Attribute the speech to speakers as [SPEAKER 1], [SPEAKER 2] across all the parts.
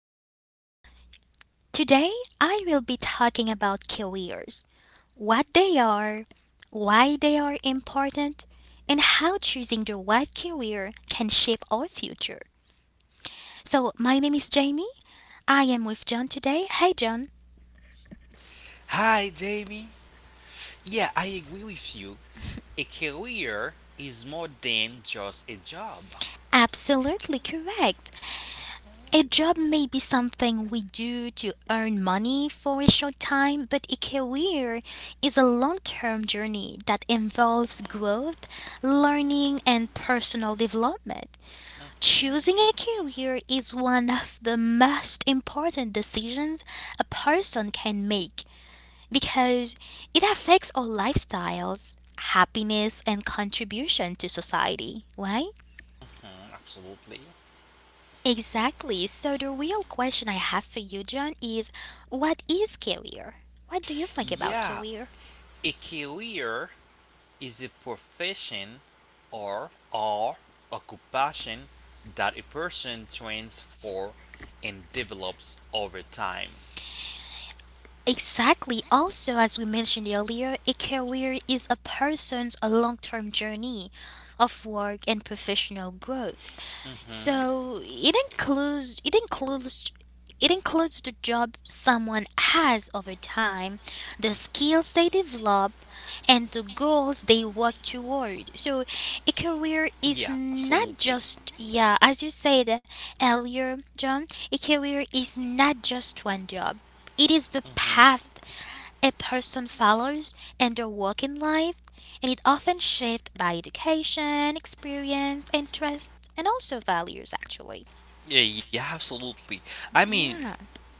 [SPEAKER 1] everyone. Today I will be talking about careers, what they are, why they are important, and how choosing the right career can shape our future. So, my name is Jamie. I am with John today. Hey, John.
[SPEAKER 2] Hi, Jamie. Yeah, I agree with you. A career is more than just a job.
[SPEAKER 1] Absolutely correct. A job may be something we do to earn money for a short time, but a career is a long term journey that involves growth, learning, and personal development. Choosing a career is one of the most important decisions a person can make because it affects our lifestyles, happiness, and contribution to society, right?
[SPEAKER 2] Mhm, absolutely.
[SPEAKER 1] Exactly. So the real question I have for you, John, is what is career? What do you think about
[SPEAKER 2] Yeah,
[SPEAKER 1] career?
[SPEAKER 2] a career is a profession or occupation that a person trains for and develops over time.
[SPEAKER 1] Exactly. Also, as we mentioned earlier, a career is a person's long term journey of work and professional growth.
[SPEAKER 2] Hmm.
[SPEAKER 1] So it includes the job someone has over time, the skills they develop, and the goals they work toward. So a career is
[SPEAKER 2] Yeah,
[SPEAKER 1] not
[SPEAKER 2] absolutely.
[SPEAKER 1] just, yeah, as you said earlier, John, a career is not just one job. It is the
[SPEAKER 2] Hmm.
[SPEAKER 1] path a person follows in their working life, and it often shaped by education, experience, interests, and also values, actually.
[SPEAKER 2] Yeah, yeah, absolutely. I mean,
[SPEAKER 1] Yeah.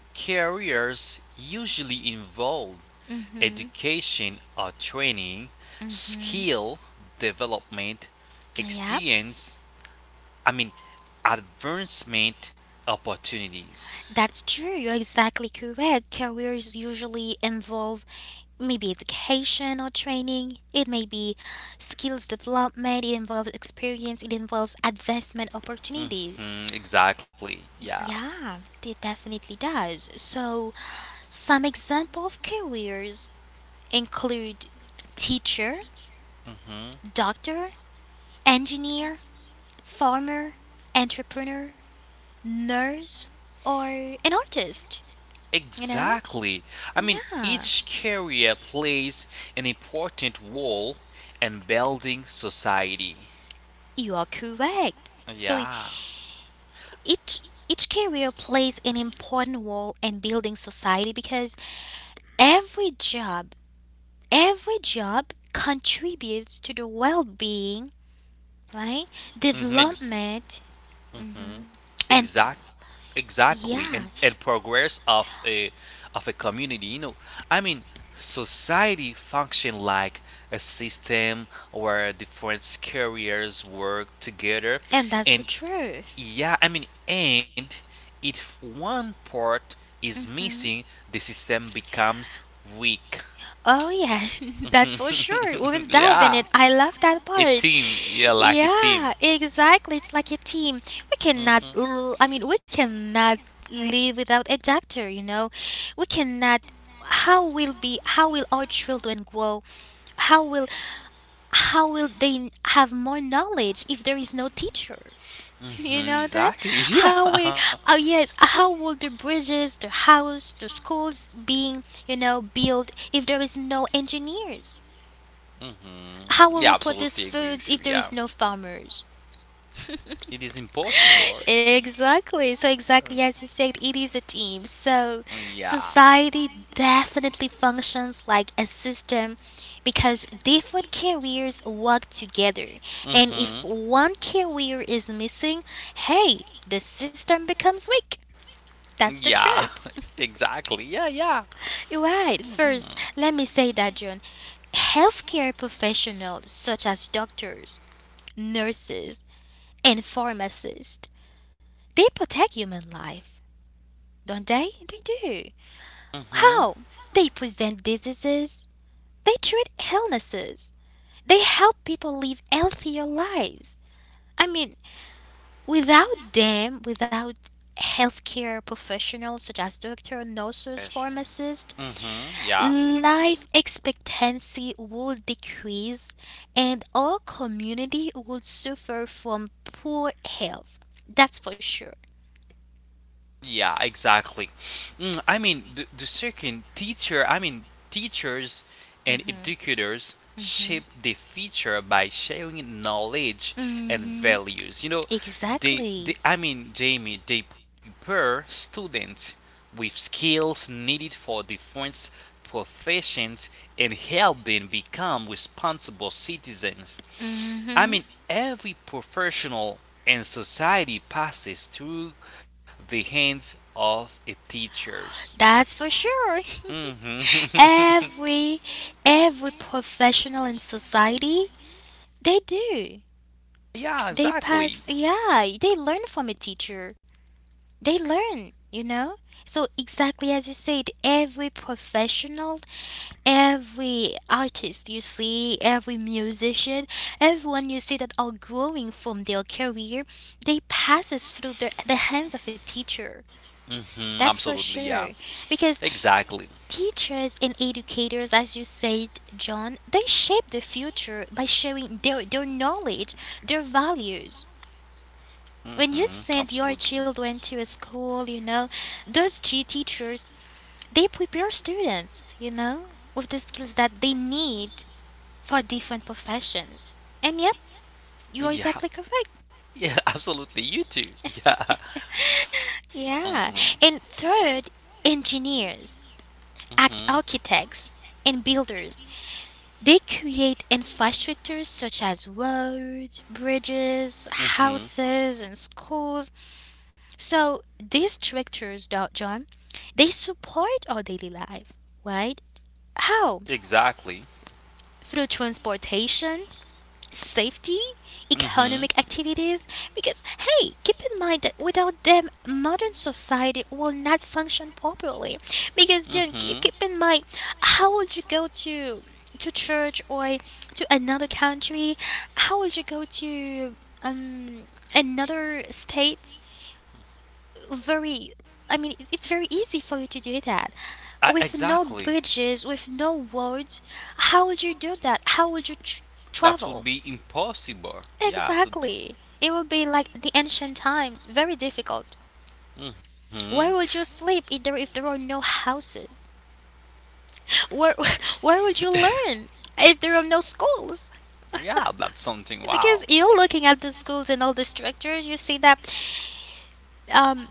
[SPEAKER 2] careers usually involve
[SPEAKER 1] Mm-hmm.
[SPEAKER 2] education or training,
[SPEAKER 1] Mm.
[SPEAKER 2] skill development,
[SPEAKER 1] Yeah,
[SPEAKER 2] experience, I mean, advancement opportunities.
[SPEAKER 1] that's true. You're exactly correct. Careers usually involve maybe education or training. It may be skills development. It involves experience. It involves advancement opportunities.
[SPEAKER 2] Mhm, exactly. Yeah.
[SPEAKER 1] Yeah, it definitely does. So, some example of careers include teacher,
[SPEAKER 2] Mhm.
[SPEAKER 1] doctor, engineer, farmer, entrepreneur, nurse, or an artist, you know?
[SPEAKER 2] Exactly. I mean,
[SPEAKER 1] Yeah,
[SPEAKER 2] each carrier plays an important role in building society.
[SPEAKER 1] you are correct. So
[SPEAKER 2] Yeah.
[SPEAKER 1] each each career plays an important role in building society because every job, every job contributes to the well-being, right?
[SPEAKER 2] Mhm.
[SPEAKER 1] Development, hmm and,
[SPEAKER 2] Exact. Exactly.
[SPEAKER 1] yeah,
[SPEAKER 2] And progress of a community. You know, I mean, society function like a system where different carriers work together,
[SPEAKER 1] and that's the
[SPEAKER 2] and,
[SPEAKER 1] truth.
[SPEAKER 2] yeah, I mean, and if one part is
[SPEAKER 1] Hmm.
[SPEAKER 2] missing, the system becomes weak.
[SPEAKER 1] Oh yeah, that's for sure. We'll dive in
[SPEAKER 2] Yeah,
[SPEAKER 1] it. I love that
[SPEAKER 2] a
[SPEAKER 1] part.
[SPEAKER 2] team. Yeah, like a team.
[SPEAKER 1] Yeah, exactly. It's like a team. We cannot
[SPEAKER 2] Hmm.
[SPEAKER 1] l- I mean, we cannot live without a doctor. We cannot how will be How will our children grow? How will how will they have more knowledge if there is no teacher? You
[SPEAKER 2] Hmm.
[SPEAKER 1] know that?
[SPEAKER 2] Exactly. Yeah.
[SPEAKER 1] How we Oh yes, how will the bridges, the house, the schools being, built if there is no engineers?
[SPEAKER 2] Hmm.
[SPEAKER 1] How
[SPEAKER 2] Yeah,
[SPEAKER 1] will we
[SPEAKER 2] absolutely
[SPEAKER 1] produce
[SPEAKER 2] agree with you.
[SPEAKER 1] foods if
[SPEAKER 2] Yeah,
[SPEAKER 1] there is no farmers?
[SPEAKER 2] it is impossible.
[SPEAKER 1] Exactly. So exactly as you said, it is a team. So
[SPEAKER 2] Mm, yeah.
[SPEAKER 1] society definitely functions like a system because different careers work together. And if
[SPEAKER 2] Mm-hmm.
[SPEAKER 1] one career is missing, hey, the system becomes weak. That's the
[SPEAKER 2] Yeah.
[SPEAKER 1] truth.
[SPEAKER 2] Exactly. Yeah. Yeah.
[SPEAKER 1] Right.
[SPEAKER 2] Mm-hmm.
[SPEAKER 1] First, let me say that, John. Healthcare professionals such as doctors, nurses, and pharmacists. They protect human life, don't they? They do.
[SPEAKER 2] Mm-hmm.
[SPEAKER 1] How? They prevent diseases. They treat illnesses. They help people live healthier lives. I mean, without them, without healthcare professionals such as doctors, nurses, pharmacists,
[SPEAKER 2] Mm-hmm. Yeah.
[SPEAKER 1] life expectancy would decrease and our community would suffer from poor health. That's for sure.
[SPEAKER 2] Yeah, exactly. Mm, I mean, the, second teacher, I mean, teachers and educators shape the future by sharing knowledge and
[SPEAKER 1] Hmm.
[SPEAKER 2] values. You know, they,
[SPEAKER 1] Exactly.
[SPEAKER 2] they, I mean, Jamie, they prepare students with skills needed for different professions and help them become responsible citizens. I
[SPEAKER 1] Hmm.
[SPEAKER 2] mean, every professional and society passes through the hands of a teachers.
[SPEAKER 1] That's for sure.
[SPEAKER 2] Hmm.
[SPEAKER 1] every every professional in society, they do.
[SPEAKER 2] Yeah,
[SPEAKER 1] They
[SPEAKER 2] exactly.
[SPEAKER 1] pass, yeah, they learn from a teacher. They learn, you know? So exactly as you said, every professional, every artist you see, every musician, everyone you see that are growing from their career, they passes through the hands of a teacher.
[SPEAKER 2] Hmm.
[SPEAKER 1] That's for
[SPEAKER 2] Absolutely, yeah.
[SPEAKER 1] sure. Because
[SPEAKER 2] Exactly.
[SPEAKER 1] teachers and educators, as you said, John, they shape the future by sharing their knowledge, their values. When you
[SPEAKER 2] Hmm.
[SPEAKER 1] send your
[SPEAKER 2] Absolutely.
[SPEAKER 1] children to a school, you know, those teachers, they prepare students, you know, with the skills that they need for different professions. And yep, you're exactly
[SPEAKER 2] Yeah.
[SPEAKER 1] correct.
[SPEAKER 2] Yeah, absolutely. You too. Yeah.
[SPEAKER 1] Yeah.
[SPEAKER 2] Hmm.
[SPEAKER 1] And third, engineers, act
[SPEAKER 2] Hmm.
[SPEAKER 1] architects, and builders. They create infrastructures such as roads, bridges,
[SPEAKER 2] Hmm.
[SPEAKER 1] houses, and schools. So these structures, Doc John, they support our daily life, right? How?
[SPEAKER 2] Exactly.
[SPEAKER 1] Through transportation, safety,
[SPEAKER 2] Mm-hmm.
[SPEAKER 1] economic activities, because hey, keep in mind that without them, modern society will not function properly. Because then
[SPEAKER 2] Mm-hmm.
[SPEAKER 1] keep in mind, how would you go to church or to another country? How would you go to um another state? Very I mean, it's very easy for you to do that. With no
[SPEAKER 2] Exactly.
[SPEAKER 1] bridges, with no roads, how would you do that? How would you
[SPEAKER 2] That
[SPEAKER 1] travel?
[SPEAKER 2] would be impossible. Yeah, to do.
[SPEAKER 1] Exactly. It will be like the ancient times, very difficult.
[SPEAKER 2] Mm-hmm.
[SPEAKER 1] Where would you sleep if there are no houses? Where where would you learn if there are no schools?
[SPEAKER 2] Yeah, that's something.
[SPEAKER 1] Because
[SPEAKER 2] Wow.
[SPEAKER 1] you're looking at the schools and all the structures, you see that um,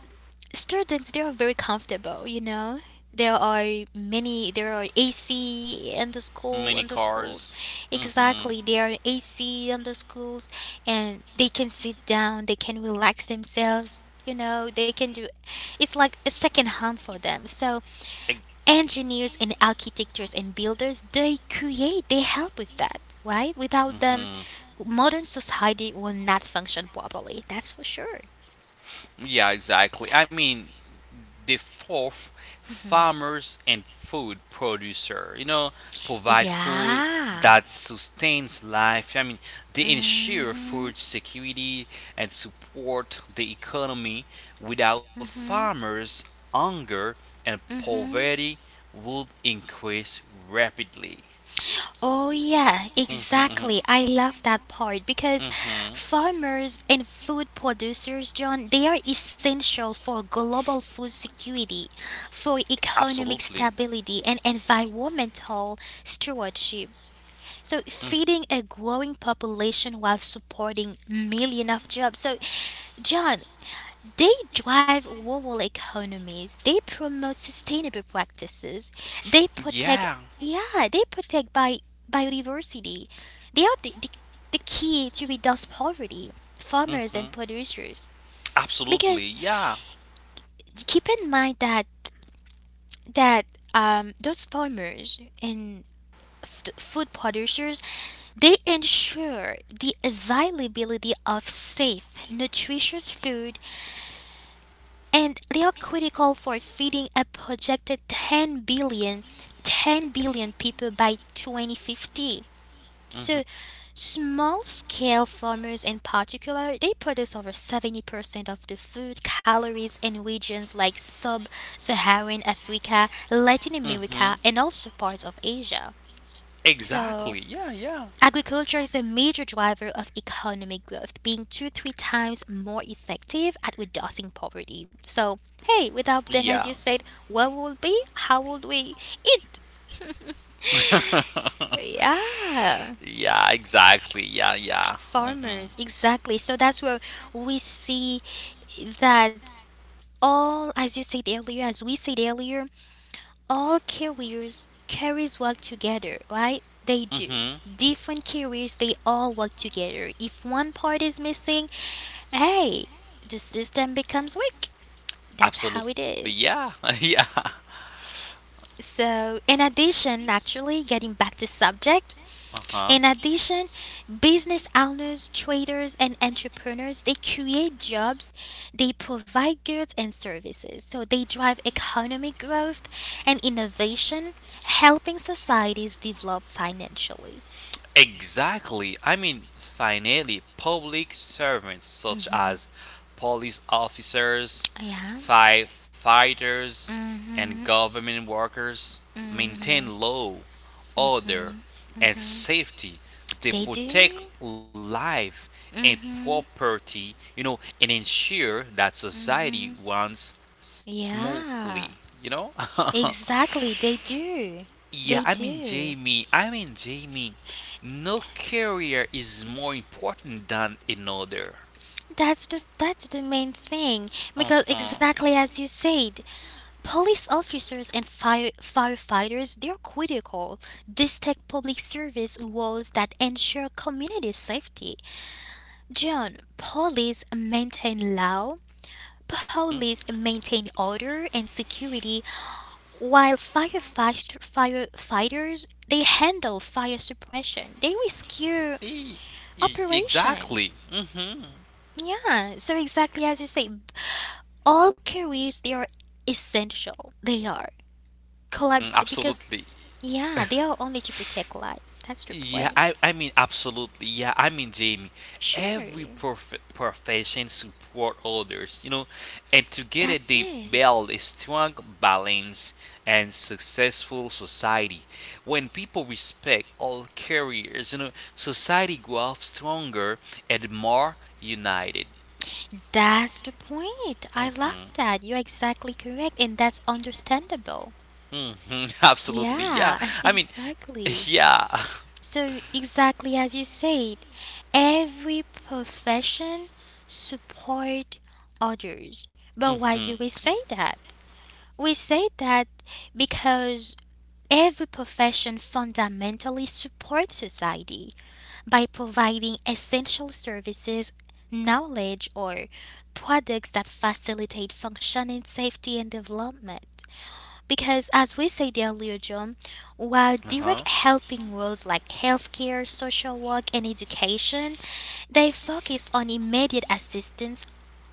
[SPEAKER 1] students they are very comfortable, there are ac in the school
[SPEAKER 2] Mini
[SPEAKER 1] in the schools
[SPEAKER 2] cars. Mm-hmm.
[SPEAKER 1] Exactly, there are ac in the schools, and they can sit down, they can relax themselves, they can do. It's like a second home for them. So engineers and architects and builders, they create, they help with that, right? Without
[SPEAKER 2] Mm-hmm.
[SPEAKER 1] them, modern society will not function properly. That's for sure.
[SPEAKER 2] Yeah, exactly. I mean, the fourth,
[SPEAKER 1] Hmm.
[SPEAKER 2] farmers and food producer, you know, provide food
[SPEAKER 1] Yeah.
[SPEAKER 2] that sustains life. I mean, they ensure
[SPEAKER 1] Mm-hmm,
[SPEAKER 2] food security and support the economy. Without
[SPEAKER 1] mm-hmm,
[SPEAKER 2] farmers, hunger and
[SPEAKER 1] mm-hmm.
[SPEAKER 2] poverty would increase rapidly.
[SPEAKER 1] Oh, yeah, exactly.
[SPEAKER 2] Hmm.
[SPEAKER 1] I love that part because
[SPEAKER 2] Hmm. Hmm.
[SPEAKER 1] farmers and food producers, John, they are essential for global food security, for economic
[SPEAKER 2] Absolutely.
[SPEAKER 1] stability, and environmental stewardship. So, feeding a growing population while supporting millions of jobs. So, John, they drive rural economies. They promote sustainable practices. They protect,
[SPEAKER 2] Yeah.
[SPEAKER 1] yeah, they protect biodiversity. They are the key to reduce poverty, farmers and
[SPEAKER 2] Hmm.
[SPEAKER 1] producers. Because
[SPEAKER 2] Absolutely. Yeah.
[SPEAKER 1] keep in mind that those farmers and food producers, they ensure the availability of safe, nutritious food, and they are critical for feeding a projected ten billion people by 2050.
[SPEAKER 2] Hmm.
[SPEAKER 1] So small scale farmers in particular, they produce over 70% of the food calories in regions like sub-Saharan Africa, Latin
[SPEAKER 2] Hmm.
[SPEAKER 1] America, and also parts of Asia.
[SPEAKER 2] Exactly.
[SPEAKER 1] So
[SPEAKER 2] Yeah. Yeah.
[SPEAKER 1] agriculture is a major driver of economic growth, being two three times more effective at reducing poverty. So, hey, without them, as
[SPEAKER 2] Yeah.
[SPEAKER 1] you said, what would be? How would we eat? Yeah,
[SPEAKER 2] Yeah. Exactly. Yeah. Yeah. Hmm.
[SPEAKER 1] farmers, exactly. So that's where we see that all, as you said earlier, as we said earlier, all careers carries work together, right? They do.
[SPEAKER 2] Hmm.
[SPEAKER 1] Different careers, they all work together. If one part is missing, hey, the system becomes weak. That's how it
[SPEAKER 2] Absolutely.
[SPEAKER 1] is.
[SPEAKER 2] Yeah. Yeah.
[SPEAKER 1] So, in addition, actually, getting back to subject,
[SPEAKER 2] Uh
[SPEAKER 1] in
[SPEAKER 2] huh.
[SPEAKER 1] addition, business owners, traders, and entrepreneurs, they create jobs, they provide goods and services. So, they drive economic growth and innovation, helping societies develop financially.
[SPEAKER 2] Exactly. I mean, finally, public servants such
[SPEAKER 1] Hmm.
[SPEAKER 2] as police officers,
[SPEAKER 1] Yeah.
[SPEAKER 2] firefighters, and
[SPEAKER 1] Hmm.
[SPEAKER 2] government workers
[SPEAKER 1] Hmm.
[SPEAKER 2] maintain law, order, and safety. They
[SPEAKER 1] They
[SPEAKER 2] protect
[SPEAKER 1] do.
[SPEAKER 2] life and
[SPEAKER 1] Hmm.
[SPEAKER 2] property, and ensure that society runs smoothly,
[SPEAKER 1] Yeah.
[SPEAKER 2] you know?
[SPEAKER 1] Exactly, they do.
[SPEAKER 2] Yeah, I
[SPEAKER 1] They
[SPEAKER 2] mean,
[SPEAKER 1] do.
[SPEAKER 2] Jamie, no career is more important than another.
[SPEAKER 1] That's the main thing
[SPEAKER 2] Uh
[SPEAKER 1] because
[SPEAKER 2] huh.
[SPEAKER 1] exactly as you said, police officers and firefighters they're critical. These take public service roles that ensure community safety. John, police maintain law, police maintain order and security, while firefighters, they handle fire suppression. They rescue operation.
[SPEAKER 2] Exactly. Mm-hmm.
[SPEAKER 1] Yeah, so exactly as you say, all careers, they are essential. They are
[SPEAKER 2] Mm,
[SPEAKER 1] collab because,
[SPEAKER 2] absolutely.
[SPEAKER 1] yeah, they are only to protect lives. That's the
[SPEAKER 2] Yeah,
[SPEAKER 1] point.
[SPEAKER 2] I mean, absolutely. Yeah, I mean, Jamie, every
[SPEAKER 1] Sure.
[SPEAKER 2] profession support others, and together
[SPEAKER 1] That's
[SPEAKER 2] they
[SPEAKER 1] it.
[SPEAKER 2] build a strong, balanced, and successful society. When people respect all careers, society grows stronger and more united.
[SPEAKER 1] That's the point. I love
[SPEAKER 2] Hmm.
[SPEAKER 1] that. You're exactly correct and that's understandable.
[SPEAKER 2] Hmm. Absolutely.
[SPEAKER 1] Yeah,
[SPEAKER 2] Yeah. I mean,
[SPEAKER 1] exactly.
[SPEAKER 2] yeah.
[SPEAKER 1] So, exactly as you said, every profession support others. But why do we
[SPEAKER 2] Hmm.
[SPEAKER 1] say that? We say that because every profession fundamentally supports society by providing essential services, knowledge, or products that facilitate functioning, safety, and development. Because, as we said earlier, John, while
[SPEAKER 2] Uh
[SPEAKER 1] direct
[SPEAKER 2] huh.
[SPEAKER 1] helping roles like healthcare, social work, and education, they focus on immediate assistance,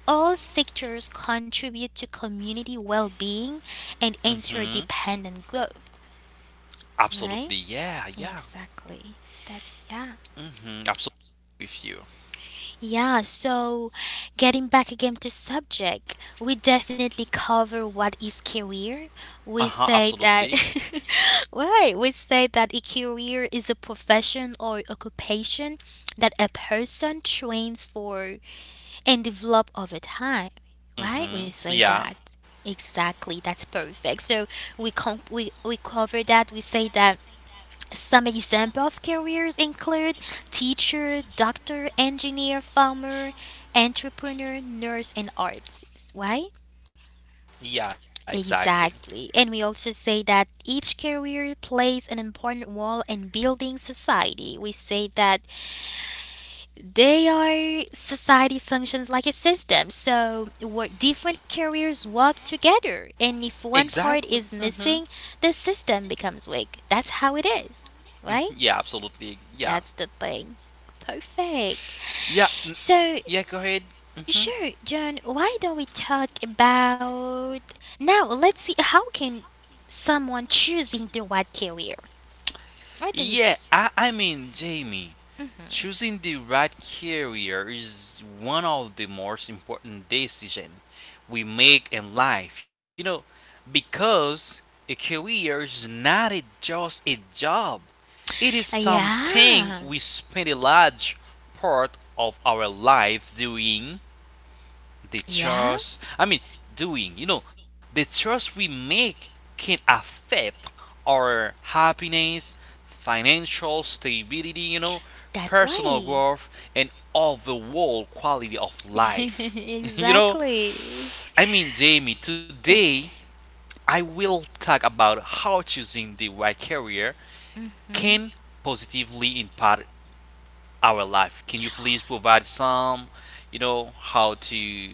[SPEAKER 1] all sectors contribute to community well being and
[SPEAKER 2] Mm-hmm.
[SPEAKER 1] interdependent growth. Right?
[SPEAKER 2] Absolutely. Yeah. Yeah.
[SPEAKER 1] Exactly. That's, yeah.
[SPEAKER 2] Mm-hmm. Absolutely with you.
[SPEAKER 1] Yeah, so getting back again to subject, we definitely cover what is career. We
[SPEAKER 2] Uh huh.
[SPEAKER 1] say that,
[SPEAKER 2] Absolutely.
[SPEAKER 1] right, we say that a career is a profession or occupation that a person trains for and develop over time. Right? We say
[SPEAKER 2] Mm-hmm.
[SPEAKER 1] that.
[SPEAKER 2] Yeah.
[SPEAKER 1] Exactly, that's perfect. So we cover that. We say that some example of careers include teacher, doctor, engineer, farmer, entrepreneur, nurse, and artist. Why?
[SPEAKER 2] Yeah. Exactly.
[SPEAKER 1] Exactly. And we also say that each career plays an important role in building society. We say that they are society functions like a system. So what different careers work together. And if one part
[SPEAKER 2] Exactly.
[SPEAKER 1] is
[SPEAKER 2] Mm-hmm.
[SPEAKER 1] missing, the system becomes weak. That's how it is. Right?
[SPEAKER 2] Yeah. Absolutely. Yeah.
[SPEAKER 1] That's the thing. Perfect.
[SPEAKER 2] Yeah. Mm,
[SPEAKER 1] So,
[SPEAKER 2] yeah. Go ahead. Mm-hmm.
[SPEAKER 1] sure, John, why don't we talk about now let's see how can someone choosing the right career? What do you
[SPEAKER 2] Yeah. I mean, Jamie. Choosing the right career is one of the most important decisions we make in life. You know, because a career is not just a job, it is something
[SPEAKER 1] Yeah.
[SPEAKER 2] we spend a large part of our life doing. The
[SPEAKER 1] Yeah,
[SPEAKER 2] choice, I mean, doing, you know, the choice we make can affect our happiness, financial stability, you know,
[SPEAKER 1] that's
[SPEAKER 2] personal
[SPEAKER 1] why.
[SPEAKER 2] growth, and overall quality of life. You know,
[SPEAKER 1] exactly.
[SPEAKER 2] I mean, Jamie, today I will talk about how choosing the right career can
[SPEAKER 1] Mhm.
[SPEAKER 2] positively impact our life. Can you please provide some, you know, how to—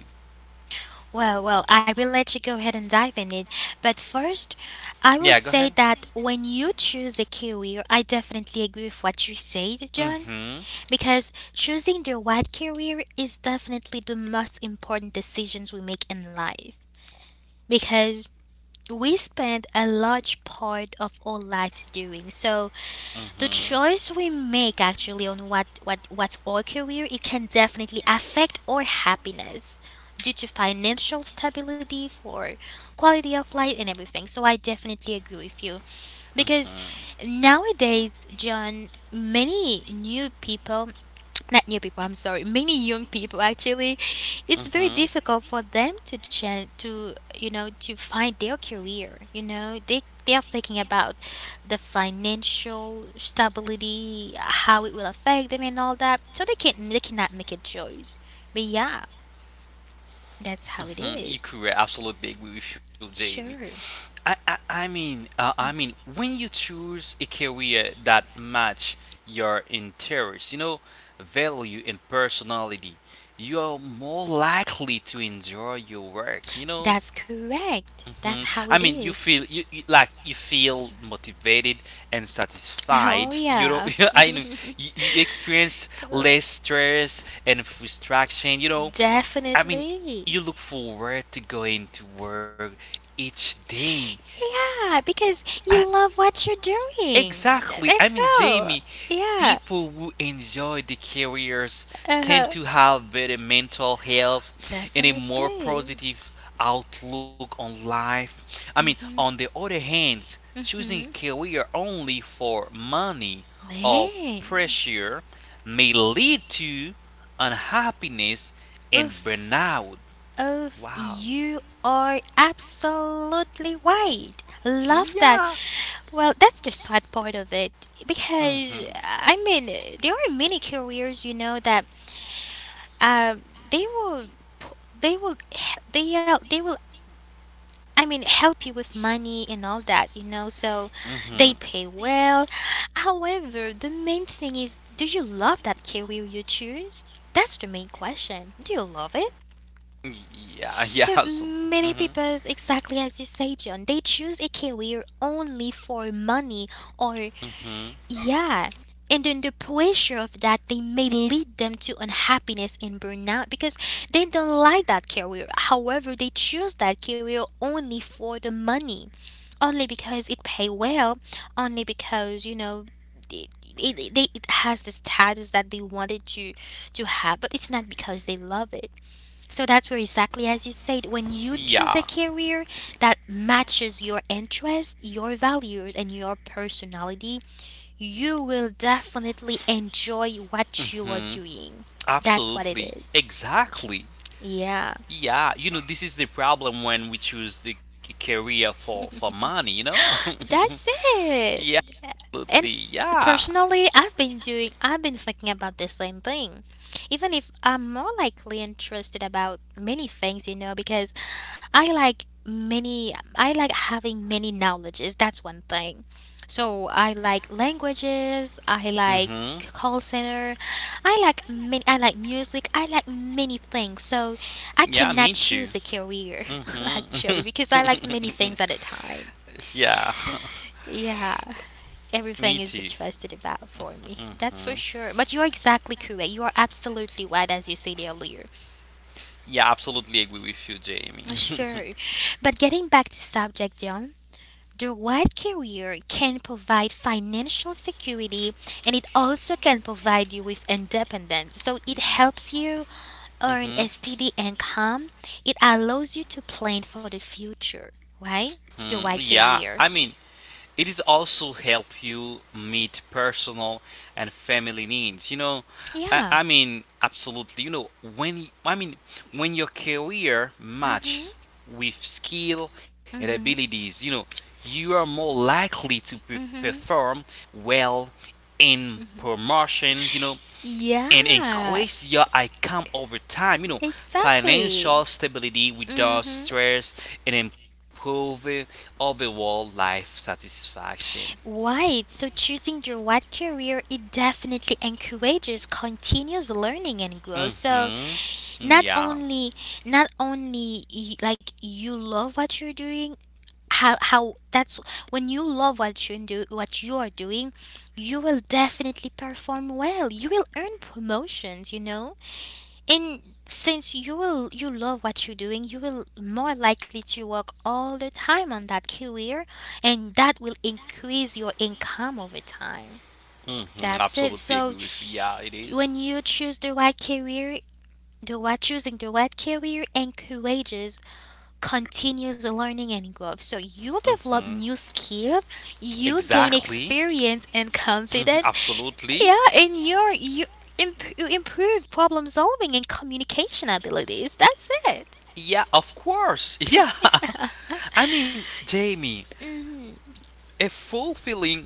[SPEAKER 1] Well, I will let you go ahead and dive in it. But first, I
[SPEAKER 2] Yeah,
[SPEAKER 1] will
[SPEAKER 2] go ahead.
[SPEAKER 1] say that when you choose a career, I definitely agree with what you said, John.
[SPEAKER 2] Mhm.
[SPEAKER 1] Because choosing the right career is definitely the most important decisions we make in life. Because we spend a large part of our lives doing. So the
[SPEAKER 2] Mhm.
[SPEAKER 1] choice we make actually on what's our career, it can definitely affect our happiness due to financial stability for quality of life and everything. So I definitely agree with you.
[SPEAKER 2] Mhm.
[SPEAKER 1] Because
[SPEAKER 2] Mhm.
[SPEAKER 1] nowadays, John, many new people not new people. I'm sorry, many young people actually, it's very
[SPEAKER 2] Mhm.
[SPEAKER 1] difficult for them to change to you know to find their career, you know, they are thinking about the financial stability, how it will affect them and all that. So they cannot make a choice, but yeah, that's how it
[SPEAKER 2] You
[SPEAKER 1] is.
[SPEAKER 2] correct. Absolutely agree with you, Jamie.
[SPEAKER 1] Sure.
[SPEAKER 2] I mean, when you choose a career that match your interests, you know, value and personality, you're more likely to enjoy your work. You know,
[SPEAKER 1] That's correct,
[SPEAKER 2] hmm,
[SPEAKER 1] that's
[SPEAKER 2] I
[SPEAKER 1] how
[SPEAKER 2] mean,
[SPEAKER 1] it
[SPEAKER 2] you feel
[SPEAKER 1] is.
[SPEAKER 2] you, you like you feel motivated and
[SPEAKER 1] Oh
[SPEAKER 2] satisfied. You know,
[SPEAKER 1] yeah.
[SPEAKER 2] I know you experience less stress and frustration. You know, I mean,
[SPEAKER 1] Definitely.
[SPEAKER 2] you look forward to going to work each day.
[SPEAKER 1] Yeah, because
[SPEAKER 2] I,
[SPEAKER 1] you love what you're doing.
[SPEAKER 2] exactly. I
[SPEAKER 1] That's
[SPEAKER 2] mean,
[SPEAKER 1] so.
[SPEAKER 2] Jamie,
[SPEAKER 1] Yeah.
[SPEAKER 2] people who enjoy the careers tend
[SPEAKER 1] Uh-huh.
[SPEAKER 2] to have better mental health and a more
[SPEAKER 1] Definitely.
[SPEAKER 2] positive outlook on life. I mean, on
[SPEAKER 1] Mhm.
[SPEAKER 2] the other hand, choosing a
[SPEAKER 1] Mhm.
[SPEAKER 2] career only for money or
[SPEAKER 1] Man.
[SPEAKER 2] pressure may lead to unhappiness and
[SPEAKER 1] Oof.
[SPEAKER 2] burnout.
[SPEAKER 1] Oof.
[SPEAKER 2] Wow.
[SPEAKER 1] You are absolutely right.
[SPEAKER 2] Mm,
[SPEAKER 1] Love
[SPEAKER 2] yeah.
[SPEAKER 1] that. Well, that's the sad part of it
[SPEAKER 2] Hmm. Hmm.
[SPEAKER 1] because I mean, there are many careers you know that um they will they will, I mean, help you with money and all that, you know. So they pay well. However, the main thing is, do you love that career you choose? That's the main question. Do you love it?
[SPEAKER 2] Yeah.
[SPEAKER 1] So
[SPEAKER 2] Yeah. So,
[SPEAKER 1] many
[SPEAKER 2] hmm,
[SPEAKER 1] people, exactly as you say, John, they choose a career only for money or,
[SPEAKER 2] hmm,
[SPEAKER 1] yeah. And then the pressure of that, they may lead them to unhappiness and burnout because they don't like that career. However, they choose that career only for the money, only because it pay well, only because it, it has the status that they wanted to have, but it's not because they love it. So that's where exactly as you said, when you choose a
[SPEAKER 2] yeah.
[SPEAKER 1] career that matches your interest, your values, and your personality, you will definitely enjoy what you are
[SPEAKER 2] Hmm.
[SPEAKER 1] doing. That's what it
[SPEAKER 2] Absolutely.
[SPEAKER 1] is.
[SPEAKER 2] Exactly.
[SPEAKER 1] Yeah,
[SPEAKER 2] Yeah, you know, this is the problem when we choose the career for money, you know?
[SPEAKER 1] that's
[SPEAKER 2] Yeah,
[SPEAKER 1] it.
[SPEAKER 2] absolutely.
[SPEAKER 1] And
[SPEAKER 2] Yeah.
[SPEAKER 1] personally, I've been thinking about the same thing. Even if I'm more likely interested about many things, you know, because I like having many knowledges. That's one thing. So I like languages, I like
[SPEAKER 2] Hmm.
[SPEAKER 1] call center, I like music, I like many things. So I cannot
[SPEAKER 2] Yeah, me
[SPEAKER 1] choose a
[SPEAKER 2] too.
[SPEAKER 1] career
[SPEAKER 2] Hmm.
[SPEAKER 1] actually because I like many things at a time.
[SPEAKER 2] Yeah,
[SPEAKER 1] Yeah,
[SPEAKER 2] me
[SPEAKER 1] everything is
[SPEAKER 2] too.
[SPEAKER 1] interested about for me.
[SPEAKER 2] Mm.
[SPEAKER 1] That's for sure. But you're exactly correct. You are absolutely right, as you said earlier.
[SPEAKER 2] Yeah, absolutely agree with you, Jamie.
[SPEAKER 1] Sure. But getting back to subject, John, the right career can provide financial security, and it also can provide you with independence. So it
[SPEAKER 2] Y-
[SPEAKER 1] helps you earn a
[SPEAKER 2] mhm.
[SPEAKER 1] steady income. It allows you to plan for the future, right? The
[SPEAKER 2] Hmm,
[SPEAKER 1] right
[SPEAKER 2] yeah,
[SPEAKER 1] career.
[SPEAKER 2] I mean, it is also help you meet personal and family needs. You know,
[SPEAKER 1] Yeah.
[SPEAKER 2] I mean, absolutely. You know, I mean, when your career matches
[SPEAKER 1] Mm-hmm.
[SPEAKER 2] with skill and
[SPEAKER 1] Mm-hmm.
[SPEAKER 2] abilities, you know, you are more likely to
[SPEAKER 1] Mm-hmm.
[SPEAKER 2] perform well in
[SPEAKER 1] Mm-hmm.
[SPEAKER 2] promotion. You know, and
[SPEAKER 1] Yeah,
[SPEAKER 2] increase your income over time. You know, financial
[SPEAKER 1] exactly.
[SPEAKER 2] stability without
[SPEAKER 1] Mm-hmm.
[SPEAKER 2] stress and improve overall life satisfaction.
[SPEAKER 1] Right, so choosing the right career, it definitely encourages continuous learning and growth. So
[SPEAKER 2] Mm-hmm.
[SPEAKER 1] not
[SPEAKER 2] Yeah.
[SPEAKER 1] only, not only like you love what you're doing, how that's when you love what you are doing, you will definitely perform well. You will earn promotions, you know. And since you love what you're doing, you will more likely to work all the time on that career, and that will increase your income over time.
[SPEAKER 2] Mm-hmm.
[SPEAKER 1] That's it.
[SPEAKER 2] Absolutely agree
[SPEAKER 1] So
[SPEAKER 2] with you. Yeah, it is.
[SPEAKER 1] when you choose the right career, the right choosing the right career encourages continuous learning and growth. So you
[SPEAKER 2] Mm-hmm.
[SPEAKER 1] develop new skills, you gain
[SPEAKER 2] Exactly.
[SPEAKER 1] experience and
[SPEAKER 2] Mhm,
[SPEAKER 1] confidence,
[SPEAKER 2] absolutely.
[SPEAKER 1] yeah, and you improve problem solving and communication abilities. That's it.
[SPEAKER 2] Yeah, of course. Yeah. I mean, Jamie,
[SPEAKER 1] hmm
[SPEAKER 2] a fulfilling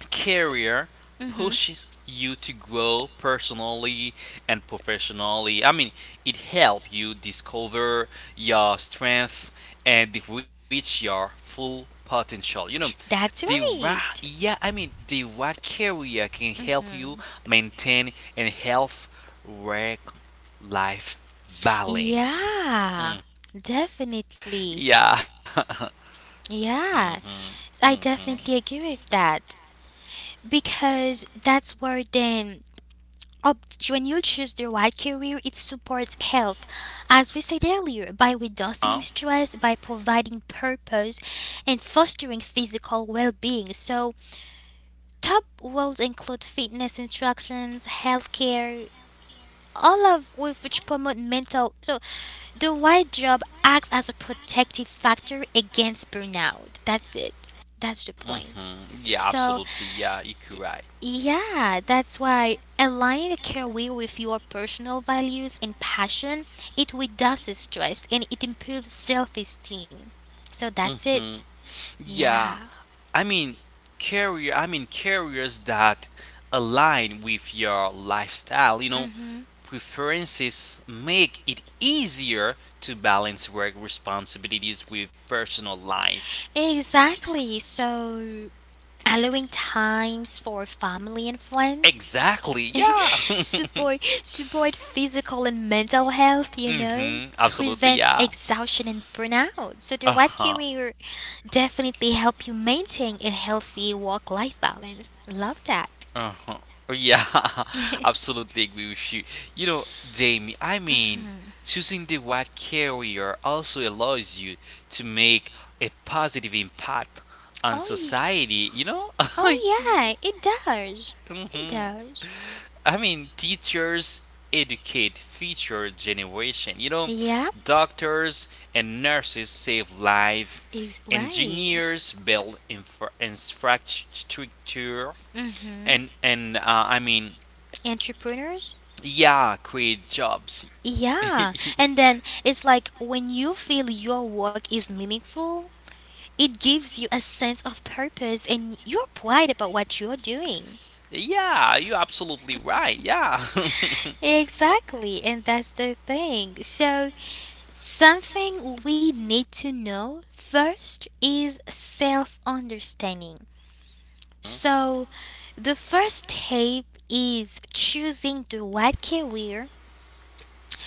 [SPEAKER 2] career
[SPEAKER 1] hmm
[SPEAKER 2] pushes you to grow personally and professionally. I mean, it helps you discover your strength and reach your full potential. You know,
[SPEAKER 1] That's right.
[SPEAKER 2] yeah, I mean, the right career can help you
[SPEAKER 1] hmm
[SPEAKER 2] maintain a health work-life balance.
[SPEAKER 1] Yeah,
[SPEAKER 2] Mm.
[SPEAKER 1] definitely.
[SPEAKER 2] Yeah.
[SPEAKER 1] Yeah,
[SPEAKER 2] Hmm.
[SPEAKER 1] I
[SPEAKER 2] Hmm.
[SPEAKER 1] definitely agree with that because that's where then when you choose the right career, it supports health, as we said earlier, by reducing
[SPEAKER 2] Uh,
[SPEAKER 1] stress, by providing purpose, and fostering physical well being. So, top roles include fitness instructions, healthcare, all of with which promote mental. So, the right job acts as a protective factor against burnout. That's it. That's the point.
[SPEAKER 2] mhm. Yeah, absolutely.
[SPEAKER 1] So,
[SPEAKER 2] Yeah, you could right.
[SPEAKER 1] yeah, that's why aligning a career with your personal values and passion, it reduces stress and it improves self-esteem. So that's it.
[SPEAKER 2] Mhm. Yeah,
[SPEAKER 1] Yeah.
[SPEAKER 2] I mean, carriers that align with your lifestyle. You know,
[SPEAKER 1] Mm-hmm.
[SPEAKER 2] preferences make it easier to balance work responsibilities with personal life.
[SPEAKER 1] Exactly. So allowing times for family and friends,
[SPEAKER 2] Exactly. Yeah.
[SPEAKER 1] support physical and mental health, you know,
[SPEAKER 2] Mhm. Absolutely.
[SPEAKER 1] prevents
[SPEAKER 2] Yeah.
[SPEAKER 1] exhaustion and burnout. So the
[SPEAKER 2] Uh
[SPEAKER 1] what
[SPEAKER 2] huh.
[SPEAKER 1] career definitely help you maintain a healthy work life balance. Love that.
[SPEAKER 2] Uh-huh. Yeah, absolutely agree with you. You know, Jamie, I mean, choosing the right career also allows you to make a positive impact
[SPEAKER 1] Oh
[SPEAKER 2] on
[SPEAKER 1] yeah.
[SPEAKER 2] society, you know?
[SPEAKER 1] Oh yeah, it does. It
[SPEAKER 2] Mhm.
[SPEAKER 1] does.
[SPEAKER 2] I mean, teachers educate future generation, you know?
[SPEAKER 1] Yep,
[SPEAKER 2] Doctors and nurses save life,
[SPEAKER 1] it's right.
[SPEAKER 2] engineers build infrastructure,
[SPEAKER 1] Mm-hmm.
[SPEAKER 2] and I mean—
[SPEAKER 1] Entrepreneurs?
[SPEAKER 2] Yeah, quit jobs.
[SPEAKER 1] Yeah. And then it's like when you feel your work is meaningful, it gives you a sense of purpose and you're pride about what you're doing.
[SPEAKER 2] Yeah, you're absolutely right. Yeah.
[SPEAKER 1] Exactly. And that's the thing. So something we need to know first is self understanding. So, the first step is choosing the right career.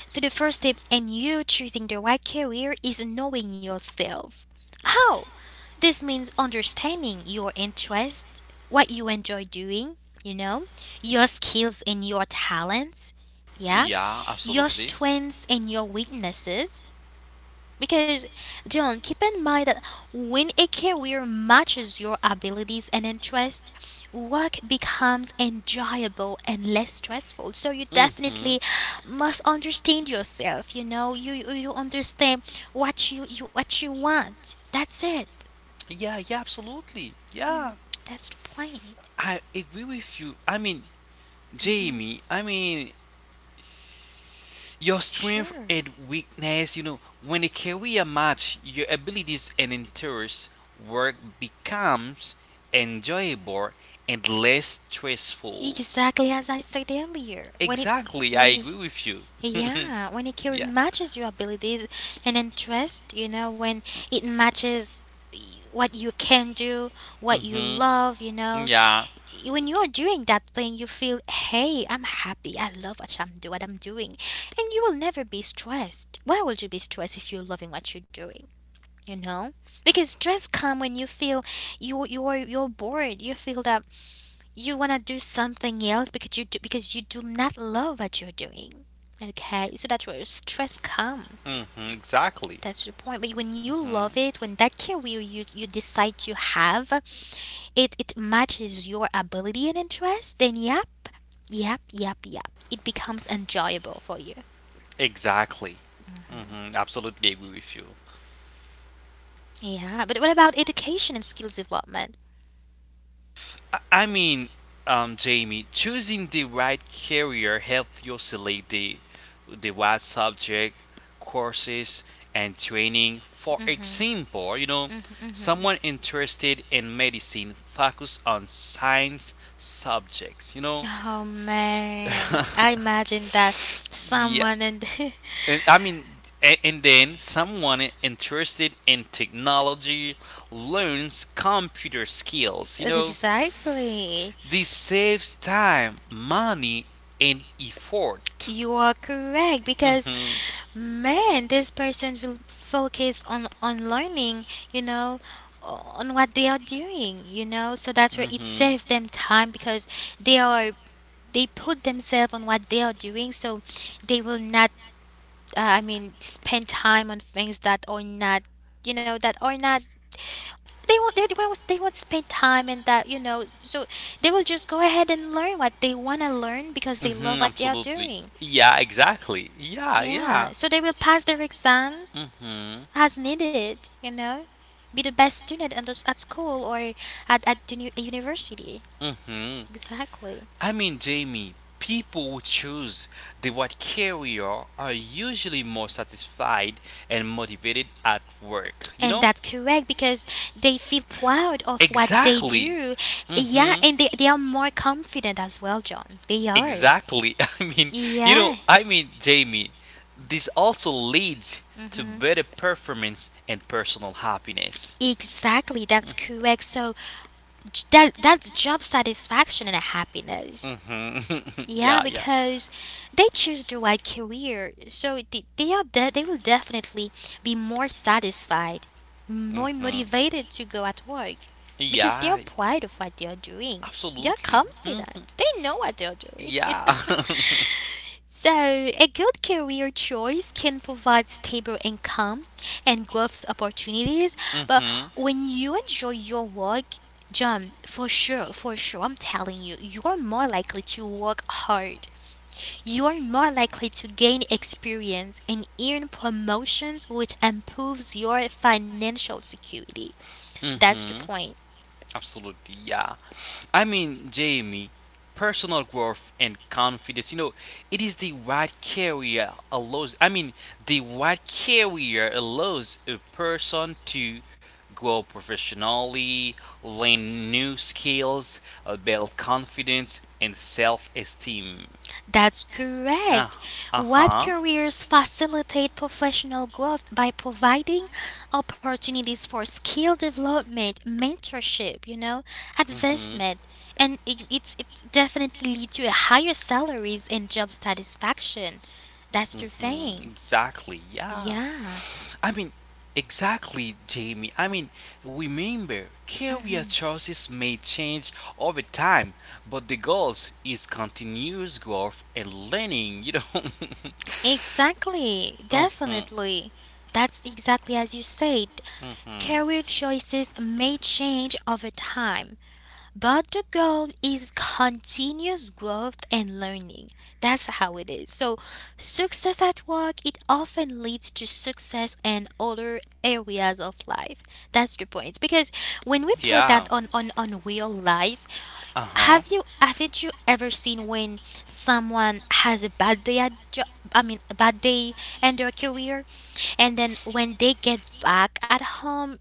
[SPEAKER 1] So, the first step in you choosing the right career is knowing yourself. How? This means understanding your interest, what you enjoy doing, you know, your skills and your talents, yeah,
[SPEAKER 2] Yeah,
[SPEAKER 1] your
[SPEAKER 2] absolutely.
[SPEAKER 1] strengths and your weaknesses because, John, keep in mind that when a career matches your abilities and interests, work becomes enjoyable and less stressful. So you
[SPEAKER 2] Mhm.
[SPEAKER 1] definitely must understand yourself. You know, you understand what you want. That's it.
[SPEAKER 2] Yeah, yeah, absolutely. Yeah.
[SPEAKER 1] That's the point.
[SPEAKER 2] I agree with you. I mean, Jamie, your strength
[SPEAKER 1] Sure.
[SPEAKER 2] and weakness, you know, when a career match, your abilities and interests work becomes enjoyable and less stressful.
[SPEAKER 1] Exactly as I said earlier. When it
[SPEAKER 2] Exactly, I
[SPEAKER 1] when
[SPEAKER 2] agree with you.
[SPEAKER 1] Yeah, when a career
[SPEAKER 2] Yeah.
[SPEAKER 1] matches your abilities and interest, you know, when it matches what you can do, what you
[SPEAKER 2] Mhm.
[SPEAKER 1] love, you know,
[SPEAKER 2] Yeah.
[SPEAKER 1] when you are doing that thing, you feel, hey, I'm happy. I love what I'm doing, and you will never be stressed. Why would you be stressed if you're loving what you're doing? You know, because stress come when you feel you're bored. You feel that you want to do something else because you do not love what you're doing. Okay, so that's where stress come.
[SPEAKER 2] Mhm. Exactly.
[SPEAKER 1] That's the point. But when you
[SPEAKER 2] Mhm.
[SPEAKER 1] love it, when that career you, you decide to have, it matches your ability and interest, then yep yep, it becomes enjoyable for you.
[SPEAKER 2] Exactly. Mhm. Absolutely agree with you.
[SPEAKER 1] Yeah, but what about education and skills development?
[SPEAKER 2] I mean, Jamie, choosing the right career helps you select the right subject, courses, and training. For
[SPEAKER 1] Mhm.
[SPEAKER 2] example,
[SPEAKER 1] Mhm. Mhm.
[SPEAKER 2] someone interested in medicine focus on science subjects. You know,
[SPEAKER 1] Oh man, I imagine that
[SPEAKER 2] yeah,
[SPEAKER 1] someone and
[SPEAKER 2] and, I mean, and then someone interested in technology learns computer skills. You know,
[SPEAKER 1] exactly.
[SPEAKER 2] this saves time, money, and effort.
[SPEAKER 1] You are correct because
[SPEAKER 2] Hmm.
[SPEAKER 1] man, this person will focus on learning, you know, on what they are doing, you know. So that's where it
[SPEAKER 2] Hmm.
[SPEAKER 1] saves them time because they are they put themselves on what they are doing, so they will not, I mean, spend time on things that are not, you know, that are not. They won't. They won't. They won't spend time in that. You know, so they will just go ahead and learn what they want to learn because they love
[SPEAKER 2] Hmm.
[SPEAKER 1] what they are
[SPEAKER 2] Absolutely.
[SPEAKER 1] doing.
[SPEAKER 2] Yeah, exactly. Yeah, yeah.
[SPEAKER 1] Yeah. So they will pass their exams
[SPEAKER 2] Hmm.
[SPEAKER 1] as needed. You know, be the best student in those, at school or at the new, university.
[SPEAKER 2] Hmm.
[SPEAKER 1] Exactly.
[SPEAKER 2] I mean, Jamie, people who choose the right career are usually more satisfied and motivated at work, you
[SPEAKER 1] And
[SPEAKER 2] know?
[SPEAKER 1] that's correct because they feel proud of what they
[SPEAKER 2] Exactly.
[SPEAKER 1] do. Yeah,
[SPEAKER 2] Hmm.
[SPEAKER 1] and they are more confident as well, John. They are.
[SPEAKER 2] Exactly. I mean,
[SPEAKER 1] Yeah.
[SPEAKER 2] I mean, Jamie, this also leads to
[SPEAKER 1] hmm
[SPEAKER 2] better performance and personal happiness.
[SPEAKER 1] Exactly, that's correct. So that's job satisfaction and happiness.
[SPEAKER 2] Hmm.
[SPEAKER 1] Yeah,
[SPEAKER 2] Yeah, yeah.
[SPEAKER 1] because they choose the right career, so they are they will definitely be more satisfied, more
[SPEAKER 2] Mhm.
[SPEAKER 1] motivated to go at work, because they are
[SPEAKER 2] Yeah,
[SPEAKER 1] proud of what they are doing. They are
[SPEAKER 2] absolutely. Hmm.
[SPEAKER 1] confident. They know what they are doing.
[SPEAKER 2] Yeah.
[SPEAKER 1] So, a good career choice can provide stable income and growth opportunities, but
[SPEAKER 2] Mhm.
[SPEAKER 1] when you enjoy your work, John, for sure, I'm telling you, you're more likely to work hard, you are more likely to gain experience and earn promotions, which improves your financial security. That's the
[SPEAKER 2] Mhm.
[SPEAKER 1] point.
[SPEAKER 2] Absolutely. Yeah. I mean, Jamie, personal growth and confidence. You know, it is the right career allows. I mean, the right career allows a person to grow professionally, learn new skills, build confidence and self-esteem.
[SPEAKER 1] That's
[SPEAKER 2] Uh,
[SPEAKER 1] correct.
[SPEAKER 2] uh
[SPEAKER 1] What
[SPEAKER 2] huh.
[SPEAKER 1] careers facilitate professional growth by providing opportunities for skill development, mentorship, you know,
[SPEAKER 2] Hmm. Hmm.
[SPEAKER 1] advancement, and it's definitely lead to higher salaries and job satisfaction. That's the thing.
[SPEAKER 2] Exactly. Yeah.
[SPEAKER 1] Yeah.
[SPEAKER 2] I mean, exactly, Jamie. I mean, remember, career
[SPEAKER 1] Mm-hmm.
[SPEAKER 2] choices may change over time, but the goals is continuous growth and learning. You know.
[SPEAKER 1] Exactly,
[SPEAKER 2] Hmm.
[SPEAKER 1] definitely. That's exactly as you said.
[SPEAKER 2] Hmm.
[SPEAKER 1] Career choices may change over time, but the goal is continuous growth and learning. That's how it is. So, success at work it often leads to success in other areas of life. That's the point. Because when we put
[SPEAKER 2] Yeah.
[SPEAKER 1] that on real life,
[SPEAKER 2] Uh huh.
[SPEAKER 1] haven't you ever seen when someone has a bad I mean a bad day in their career, and then when they get back at home,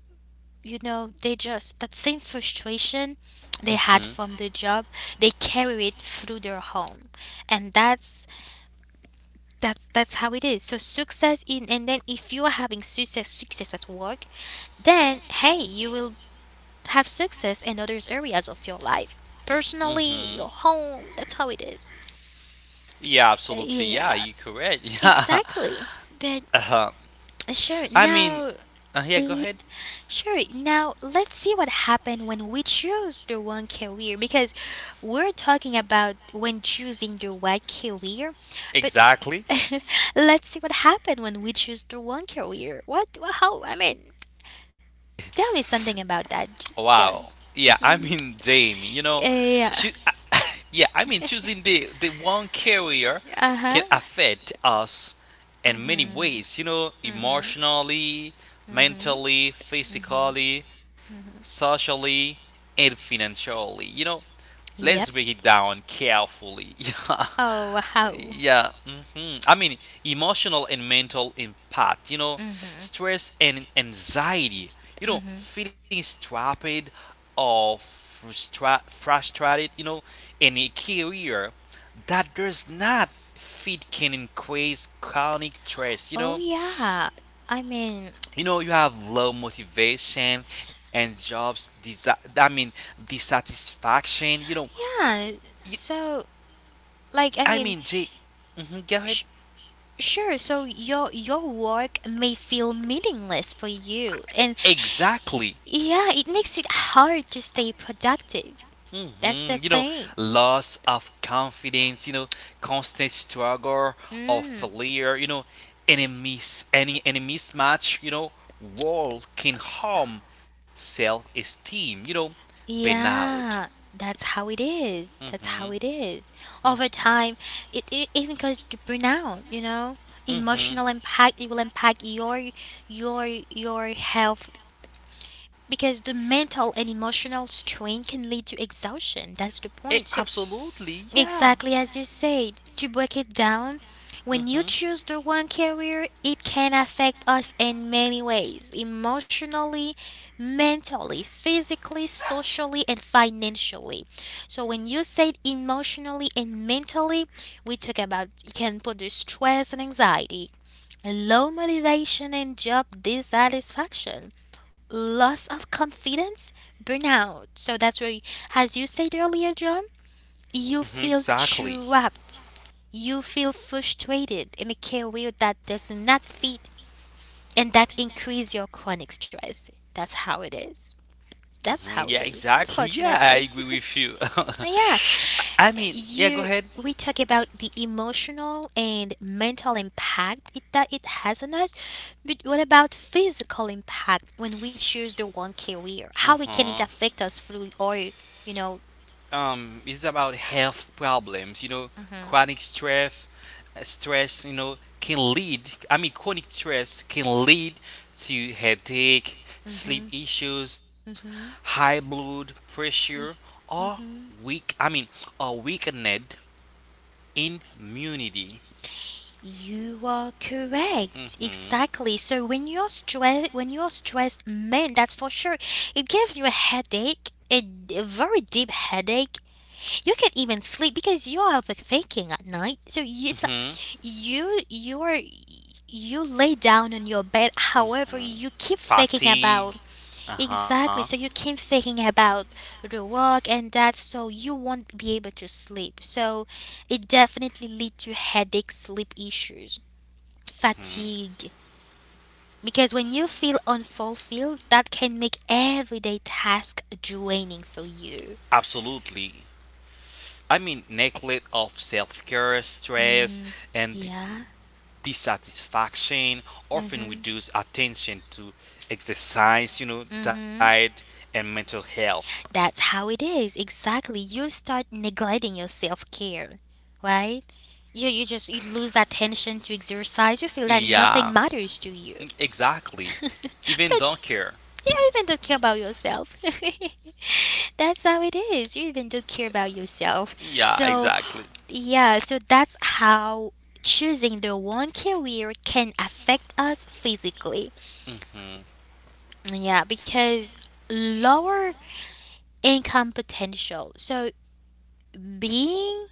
[SPEAKER 1] you know, they just that same frustration they had
[SPEAKER 2] Mhm.
[SPEAKER 1] from the job, they carry it through their home. And that's how it is. So success in and then if you are having success at work, then hey, you will have success in other areas of your life, personally
[SPEAKER 2] Mhm.
[SPEAKER 1] your home. That's how it is.
[SPEAKER 2] Yeah, absolutely. Yeah,
[SPEAKER 1] Yeah,
[SPEAKER 2] you correct. Yeah.
[SPEAKER 1] exactly. But
[SPEAKER 2] Uh-huh.
[SPEAKER 1] sure
[SPEAKER 2] I mean,
[SPEAKER 1] now
[SPEAKER 2] yeah, go
[SPEAKER 1] l-
[SPEAKER 2] ahead.
[SPEAKER 1] sure now let's see what happens when we choose the one career because we're talking about when choosing the right career, but
[SPEAKER 2] Exactly.
[SPEAKER 1] let's see what happened when we choose the one career. How, I mean, tell me something about that.
[SPEAKER 2] Wow. Yeah, I
[SPEAKER 1] Mhm.
[SPEAKER 2] mean, Jamie, you know,
[SPEAKER 1] Yeah.
[SPEAKER 2] choo- yeah, I mean, choosing the one carrier can
[SPEAKER 1] Uh-huh.
[SPEAKER 2] affect us in many ways, you know,
[SPEAKER 1] hmm
[SPEAKER 2] emotionally,
[SPEAKER 1] Mm-hmm.
[SPEAKER 2] mentally,
[SPEAKER 1] Mm-hmm.
[SPEAKER 2] physically, socially, and financially. You know, let's
[SPEAKER 1] Yep.
[SPEAKER 2] break it down carefully.
[SPEAKER 1] Oh, how?
[SPEAKER 2] Yeah, yeah. Hmm. I mean, emotional and mental impact. You know,
[SPEAKER 1] Mm-hmm.
[SPEAKER 2] stress and anxiety. You know,
[SPEAKER 1] Mm-hmm.
[SPEAKER 2] feeling strapped or frustrated. You know, in a career that does not fit can increase chronic stress. You
[SPEAKER 1] Oh,
[SPEAKER 2] know
[SPEAKER 1] yeah. I mean,
[SPEAKER 2] you know you have low motivation and jobs I mean, dissatisfaction, you know.
[SPEAKER 1] yeah.
[SPEAKER 2] you,
[SPEAKER 1] So, like, I
[SPEAKER 2] I
[SPEAKER 1] mean,
[SPEAKER 2] mean, jay mhm, go ahead.
[SPEAKER 1] sh- sure. So your work may feel meaningless for you, and
[SPEAKER 2] Exactly.
[SPEAKER 1] yeah, it makes it hard to stay productive.
[SPEAKER 2] Productive.
[SPEAKER 1] That's
[SPEAKER 2] Hmm.
[SPEAKER 1] the
[SPEAKER 2] You know,
[SPEAKER 1] thing.
[SPEAKER 2] loss of confidence, you know, constant struggle or
[SPEAKER 1] Mm.
[SPEAKER 2] failure, you know, any mismatch, you know, wall can harm self esteem, you know, burnout.
[SPEAKER 1] Yeah, that's how it is. That's how it is. Over time, it even goes to burnout, you know?
[SPEAKER 2] Mm-hmm. Is. Mm-hmm. Over time.
[SPEAKER 1] Emotional
[SPEAKER 2] Mm-hmm.
[SPEAKER 1] impact, it will impact your your health because the mental and emotional strain can lead to exhaustion. That's the
[SPEAKER 2] Eh,
[SPEAKER 1] point.
[SPEAKER 2] absolutely, yeah.
[SPEAKER 1] Exactly as you said, to break it down, when you
[SPEAKER 2] Mm-hmm.
[SPEAKER 1] choose the wrong career, it can affect us in many ways emotionally, mentally, physically, socially, and financially. So, when you said emotionally and mentally, we talk about it can produce stress and anxiety, low motivation and job dissatisfaction, loss of confidence, burnout. So, that's where, as you said earlier, John, you
[SPEAKER 2] Even
[SPEAKER 1] feel
[SPEAKER 2] exactly.
[SPEAKER 1] trapped. You feel frustrated in a career that does not fit and that increase your chronic stress. That's how it is. That's
[SPEAKER 2] Mhm,
[SPEAKER 1] how it
[SPEAKER 2] yeah,
[SPEAKER 1] is.
[SPEAKER 2] exactly. Yeah, I
[SPEAKER 1] Unfortunately.
[SPEAKER 2] agree with you.
[SPEAKER 1] Yeah.
[SPEAKER 2] I mean, yeah, go
[SPEAKER 1] You
[SPEAKER 2] ahead.
[SPEAKER 1] we talk about the emotional and mental impact that it has on us, but what about physical impact when we choose the one career?
[SPEAKER 2] Uh
[SPEAKER 1] How it can
[SPEAKER 2] huh.
[SPEAKER 1] it affect us through or you know,
[SPEAKER 2] It's about health problems. You know,
[SPEAKER 1] mhm,
[SPEAKER 2] chronic stress, stress. You know, can lead. I mean, chronic stress can lead to headache, sleep
[SPEAKER 1] mhm,
[SPEAKER 2] issues, high blood pressure, or
[SPEAKER 1] mhm,
[SPEAKER 2] weak. I mean, or weakened immunity.
[SPEAKER 1] you are correct.
[SPEAKER 2] Mhm.
[SPEAKER 1] Exactly. So when you're stressed, man, that's for sure. It gives you a headache, a very deep headache. You can't even sleep because you are overthinking at night. So it's like
[SPEAKER 2] Mhm.
[SPEAKER 1] you, you're, you lay down on your bed. However,
[SPEAKER 2] Mhm.
[SPEAKER 1] you keep thinking
[SPEAKER 2] Fatigue.
[SPEAKER 1] about
[SPEAKER 2] Uh huh.
[SPEAKER 1] exactly. So you keep thinking about the work and that. So you won't be able to sleep. So it definitely leads to headache, sleep issues. Fatigue. Because when you feel unfulfilled, that can make everyday task draining for you.
[SPEAKER 2] Absolutely. I mean, neglect of self care, stress,
[SPEAKER 1] Hmm.
[SPEAKER 2] and
[SPEAKER 1] Yeah.
[SPEAKER 2] dissatisfaction often
[SPEAKER 1] Mm-hmm.
[SPEAKER 2] reduce attention to exercise, you know,
[SPEAKER 1] Mm-hmm.
[SPEAKER 2] diet, and mental health.
[SPEAKER 1] That's how it is. Exactly. You start neglecting your self-care, right? You lose attention to exercise. You feel that
[SPEAKER 2] Yeah,
[SPEAKER 1] nothing matters to you.
[SPEAKER 2] exactly. Even
[SPEAKER 1] But
[SPEAKER 2] don't care.
[SPEAKER 1] you even don't care about yourself. That's how it is. You even don't care about yourself.
[SPEAKER 2] Yeah,
[SPEAKER 1] So
[SPEAKER 2] exactly.
[SPEAKER 1] yeah, so that's how choosing the one career can affect us physically.
[SPEAKER 2] Mm-hmm.
[SPEAKER 1] Yeah, because lower income potential. So being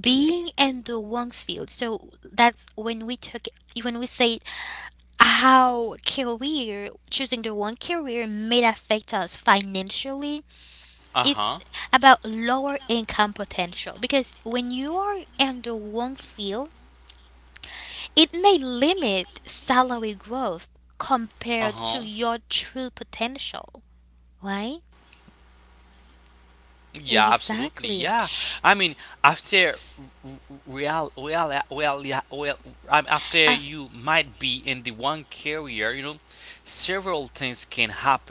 [SPEAKER 1] being in the one field. So that's when we took when we say how career choosing the one career may affect us financially.
[SPEAKER 2] Uh huh.
[SPEAKER 1] It's about lower income potential because when you are in the one field it may limit salary growth
[SPEAKER 2] Uh
[SPEAKER 1] compared
[SPEAKER 2] huh.
[SPEAKER 1] to your true potential, right?
[SPEAKER 2] Yeah, absolutely. Yeah, I mean,
[SPEAKER 1] Exactly.
[SPEAKER 2] after real, real, well, yeah, well, after you might
[SPEAKER 1] Af-
[SPEAKER 2] be in the one career, you know, several things can happen. You know.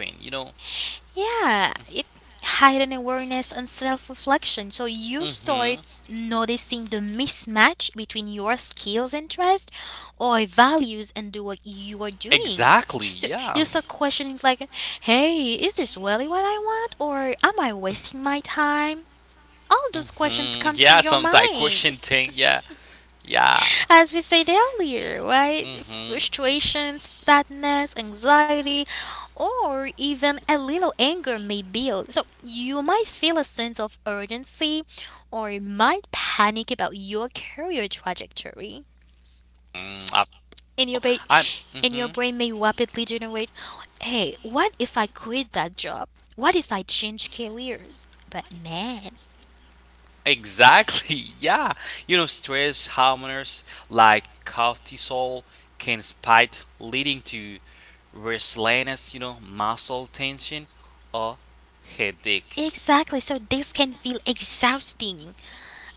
[SPEAKER 1] yeah, it hide an awareness and self-reflection. So you
[SPEAKER 2] Mm-hmm.
[SPEAKER 1] start noticing the mismatch between your skills and trust or values and the work you are doing.
[SPEAKER 2] Exactly.
[SPEAKER 1] So you
[SPEAKER 2] Yeah.
[SPEAKER 1] start questioning like, hey, is this really what I want or am I wasting my time? All those
[SPEAKER 2] Mm-hmm. Yeah.
[SPEAKER 1] questions come
[SPEAKER 2] Some
[SPEAKER 1] to
[SPEAKER 2] like
[SPEAKER 1] your
[SPEAKER 2] question thing.
[SPEAKER 1] mind.
[SPEAKER 2] Yeah. Yeah.
[SPEAKER 1] As we said earlier, right?
[SPEAKER 2] Mm-hmm.
[SPEAKER 1] Frustration, sadness, anxiety, or even a little anger may build. So you might feel a sense of urgency or you might panic about your career trajectory.
[SPEAKER 2] Mm,
[SPEAKER 1] In your ba-
[SPEAKER 2] I'm.
[SPEAKER 1] in your
[SPEAKER 2] hmm.
[SPEAKER 1] brain may rapidly generate, hey, what if I quit that job? What if I change careers? But man,
[SPEAKER 2] Exactly. Yeah. You know, stress hormones like cortisol can spike, leading to restlessness. Muscle tension or headaches.
[SPEAKER 1] exactly. So this can feel exhausting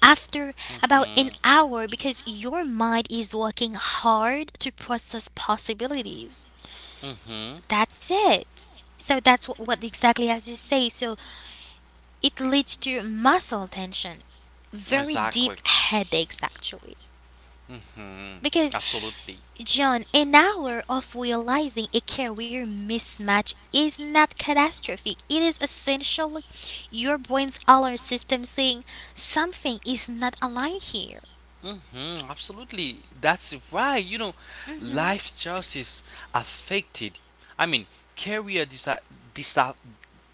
[SPEAKER 1] after about an
[SPEAKER 2] mm
[SPEAKER 1] hour
[SPEAKER 2] hmm
[SPEAKER 1] because your mind is working hard to process possibilities.
[SPEAKER 2] mm
[SPEAKER 1] That's
[SPEAKER 2] hmm
[SPEAKER 1] it. So that's wh- what exactly as you say. So it leads to muscle tension, very deep
[SPEAKER 2] Exactly.
[SPEAKER 1] headaches actually.
[SPEAKER 2] mm
[SPEAKER 1] Because,
[SPEAKER 2] hmm Absolutely.
[SPEAKER 1] John, an hour of realizing a career mismatch is not catastrophic. It is essentially your brain's alert system saying something is not aligned here.
[SPEAKER 2] Absolutely. That's right.
[SPEAKER 1] Hmm.
[SPEAKER 2] Life choices affected. I mean, Career disa-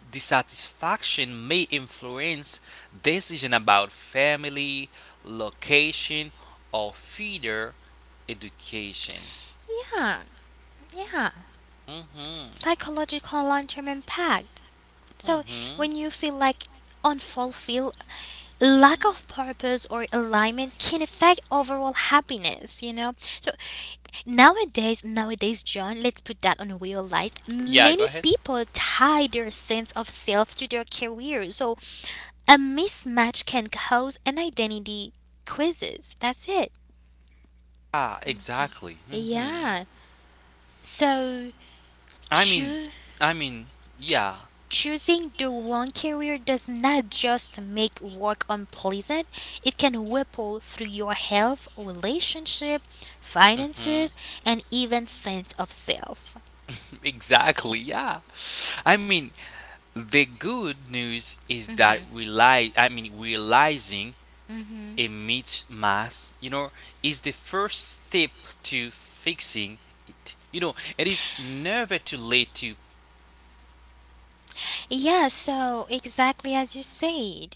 [SPEAKER 2] dissatisfaction may influence decision about family, location, or further education.
[SPEAKER 1] Yeah. Yeah,
[SPEAKER 2] Mm-hmm.
[SPEAKER 1] psychological long-term impact. So
[SPEAKER 2] Mm-hmm.
[SPEAKER 1] when you feel like unfulfilled, lack of purpose or alignment can affect overall happiness, you know? So nowadays, nowadays, John, let's put that on real life.
[SPEAKER 2] Yeah,
[SPEAKER 1] Many
[SPEAKER 2] go ahead.
[SPEAKER 1] people tie their sense of self to their career. So a mismatch can cause an identity crisis. That's it.
[SPEAKER 2] Ah, exactly. Mm-hmm.
[SPEAKER 1] Yeah. So
[SPEAKER 2] I mean,
[SPEAKER 1] choose
[SPEAKER 2] I mean, yeah.
[SPEAKER 1] Choosing the wrong career does not just make work unpleasant, it can ripple through your health, relationship, finances,
[SPEAKER 2] Mm-hmm.
[SPEAKER 1] and even sense of self.
[SPEAKER 2] Exactly, yeah. I mean, the good news is that realizing
[SPEAKER 1] Hmm.
[SPEAKER 2] a mismatch, is the first step to fixing it. You know, it is never too late to
[SPEAKER 1] Yeah, so exactly as you said.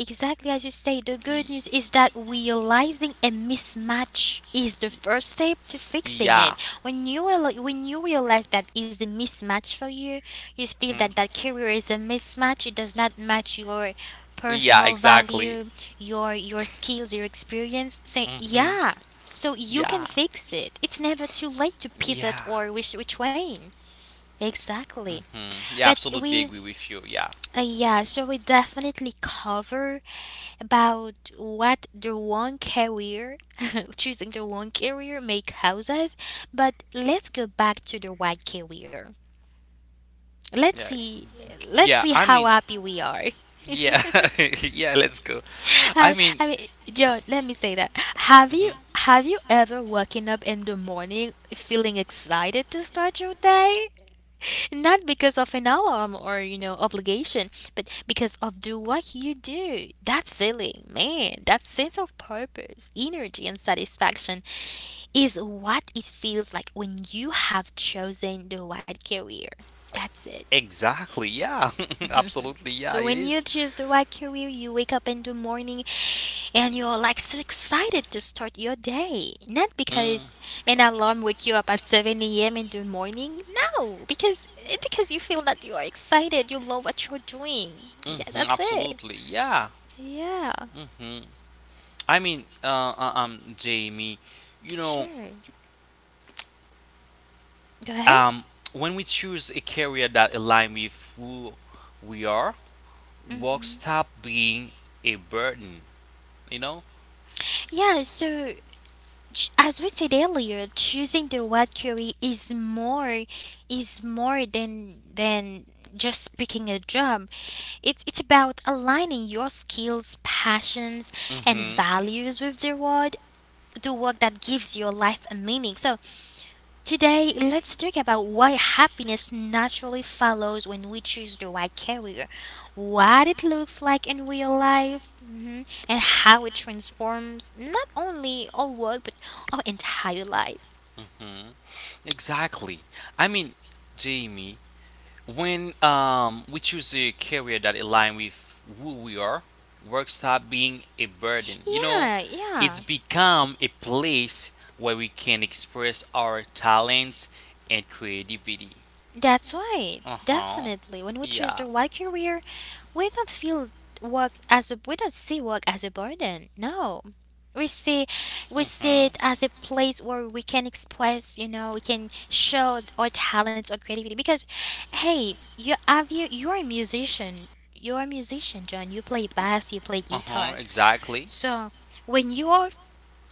[SPEAKER 1] Exactly as you say, the good
[SPEAKER 2] be.
[SPEAKER 1] news is that realizing a mismatch is the first step to fixing it.
[SPEAKER 2] Yeah.
[SPEAKER 1] When you realize that is a mismatch for you, you feel
[SPEAKER 2] Mhm.
[SPEAKER 1] that that career is a mismatch. It does not match your
[SPEAKER 2] Yeah,
[SPEAKER 1] personal
[SPEAKER 2] exactly.
[SPEAKER 1] value, your skills, your experience. Say
[SPEAKER 2] Mhm.
[SPEAKER 1] yeah, so you can
[SPEAKER 2] Yeah.
[SPEAKER 1] fix it. It's never too late to pivot
[SPEAKER 2] Yeah.
[SPEAKER 1] or which way. Exactly.
[SPEAKER 2] Mhm. Yeah,
[SPEAKER 1] But
[SPEAKER 2] absolutely agree with you. Yeah.
[SPEAKER 1] yeah, so we definitely cover about what the one career, choosing the one career make houses. But let's go back to the white career. Let's
[SPEAKER 2] Yeah.
[SPEAKER 1] see, let's
[SPEAKER 2] Yeah,
[SPEAKER 1] see
[SPEAKER 2] I
[SPEAKER 1] how
[SPEAKER 2] mean,
[SPEAKER 1] happy we are.
[SPEAKER 2] yeah. Yeah, let's go. I
[SPEAKER 1] I,
[SPEAKER 2] mean,
[SPEAKER 1] I mean, John, let me say that. Have you
[SPEAKER 2] mhm.
[SPEAKER 1] have you ever woken up in the morning feeling excited to start your day? Not because of an alarm or, you know, obligation, but because of do what you do. That feeling, man, that sense of purpose, energy, and satisfaction is what it feels like when you have chosen the right career. That's it.
[SPEAKER 2] Exactly. Yeah. Absolutely. Yeah,
[SPEAKER 1] So
[SPEAKER 2] it
[SPEAKER 1] when you
[SPEAKER 2] is.
[SPEAKER 1] choose the right career, you wake up in the morning and you're like so excited to start your day. Not
[SPEAKER 2] Mm,
[SPEAKER 1] because an alarm wake you up at 7 a.m. in the morning. No, because because you feel that you are excited. You love what you're doing. Yeah,
[SPEAKER 2] mhm,
[SPEAKER 1] that's it.
[SPEAKER 2] absolutely. Yeah.
[SPEAKER 1] Yeah,
[SPEAKER 2] hmm Jamie, you know,
[SPEAKER 1] sure. Go ahead.
[SPEAKER 2] um, when we choose a career that aligns with who we are, work
[SPEAKER 1] Hmm.
[SPEAKER 2] stop being a burden. You know.
[SPEAKER 1] Yeah, so as we said earlier, choosing the word career is more than just picking a job. It's about aligning your skills, passions, and
[SPEAKER 2] hmm
[SPEAKER 1] values with the world, the work that gives your life a meaning. So today, let's talk about why happiness naturally follows when we choose the right career, what it looks like in real life, mhm, and how it transforms not only our work but our entire lives.
[SPEAKER 2] hmm Exactly. I mean, Jamie, when we choose a career that aligns with who we are, work stop being a burden. You know,
[SPEAKER 1] Yeah,
[SPEAKER 2] it's
[SPEAKER 1] yeah.
[SPEAKER 2] become a place where we can express our talents and creativity.
[SPEAKER 1] That's right.
[SPEAKER 2] Uh huh.
[SPEAKER 1] Definitely. When we choose
[SPEAKER 2] Yeah.
[SPEAKER 1] the right career, we don't feel we don't see work as a burden. No. We see we
[SPEAKER 2] Uh
[SPEAKER 1] see
[SPEAKER 2] huh.
[SPEAKER 1] it as a place where we can express, you know, we can show our talents or creativity because hey, you you're a musician. You're a musician, John. You play bass, you play
[SPEAKER 2] Uh huh.
[SPEAKER 1] guitar.
[SPEAKER 2] Exactly.
[SPEAKER 1] So when you are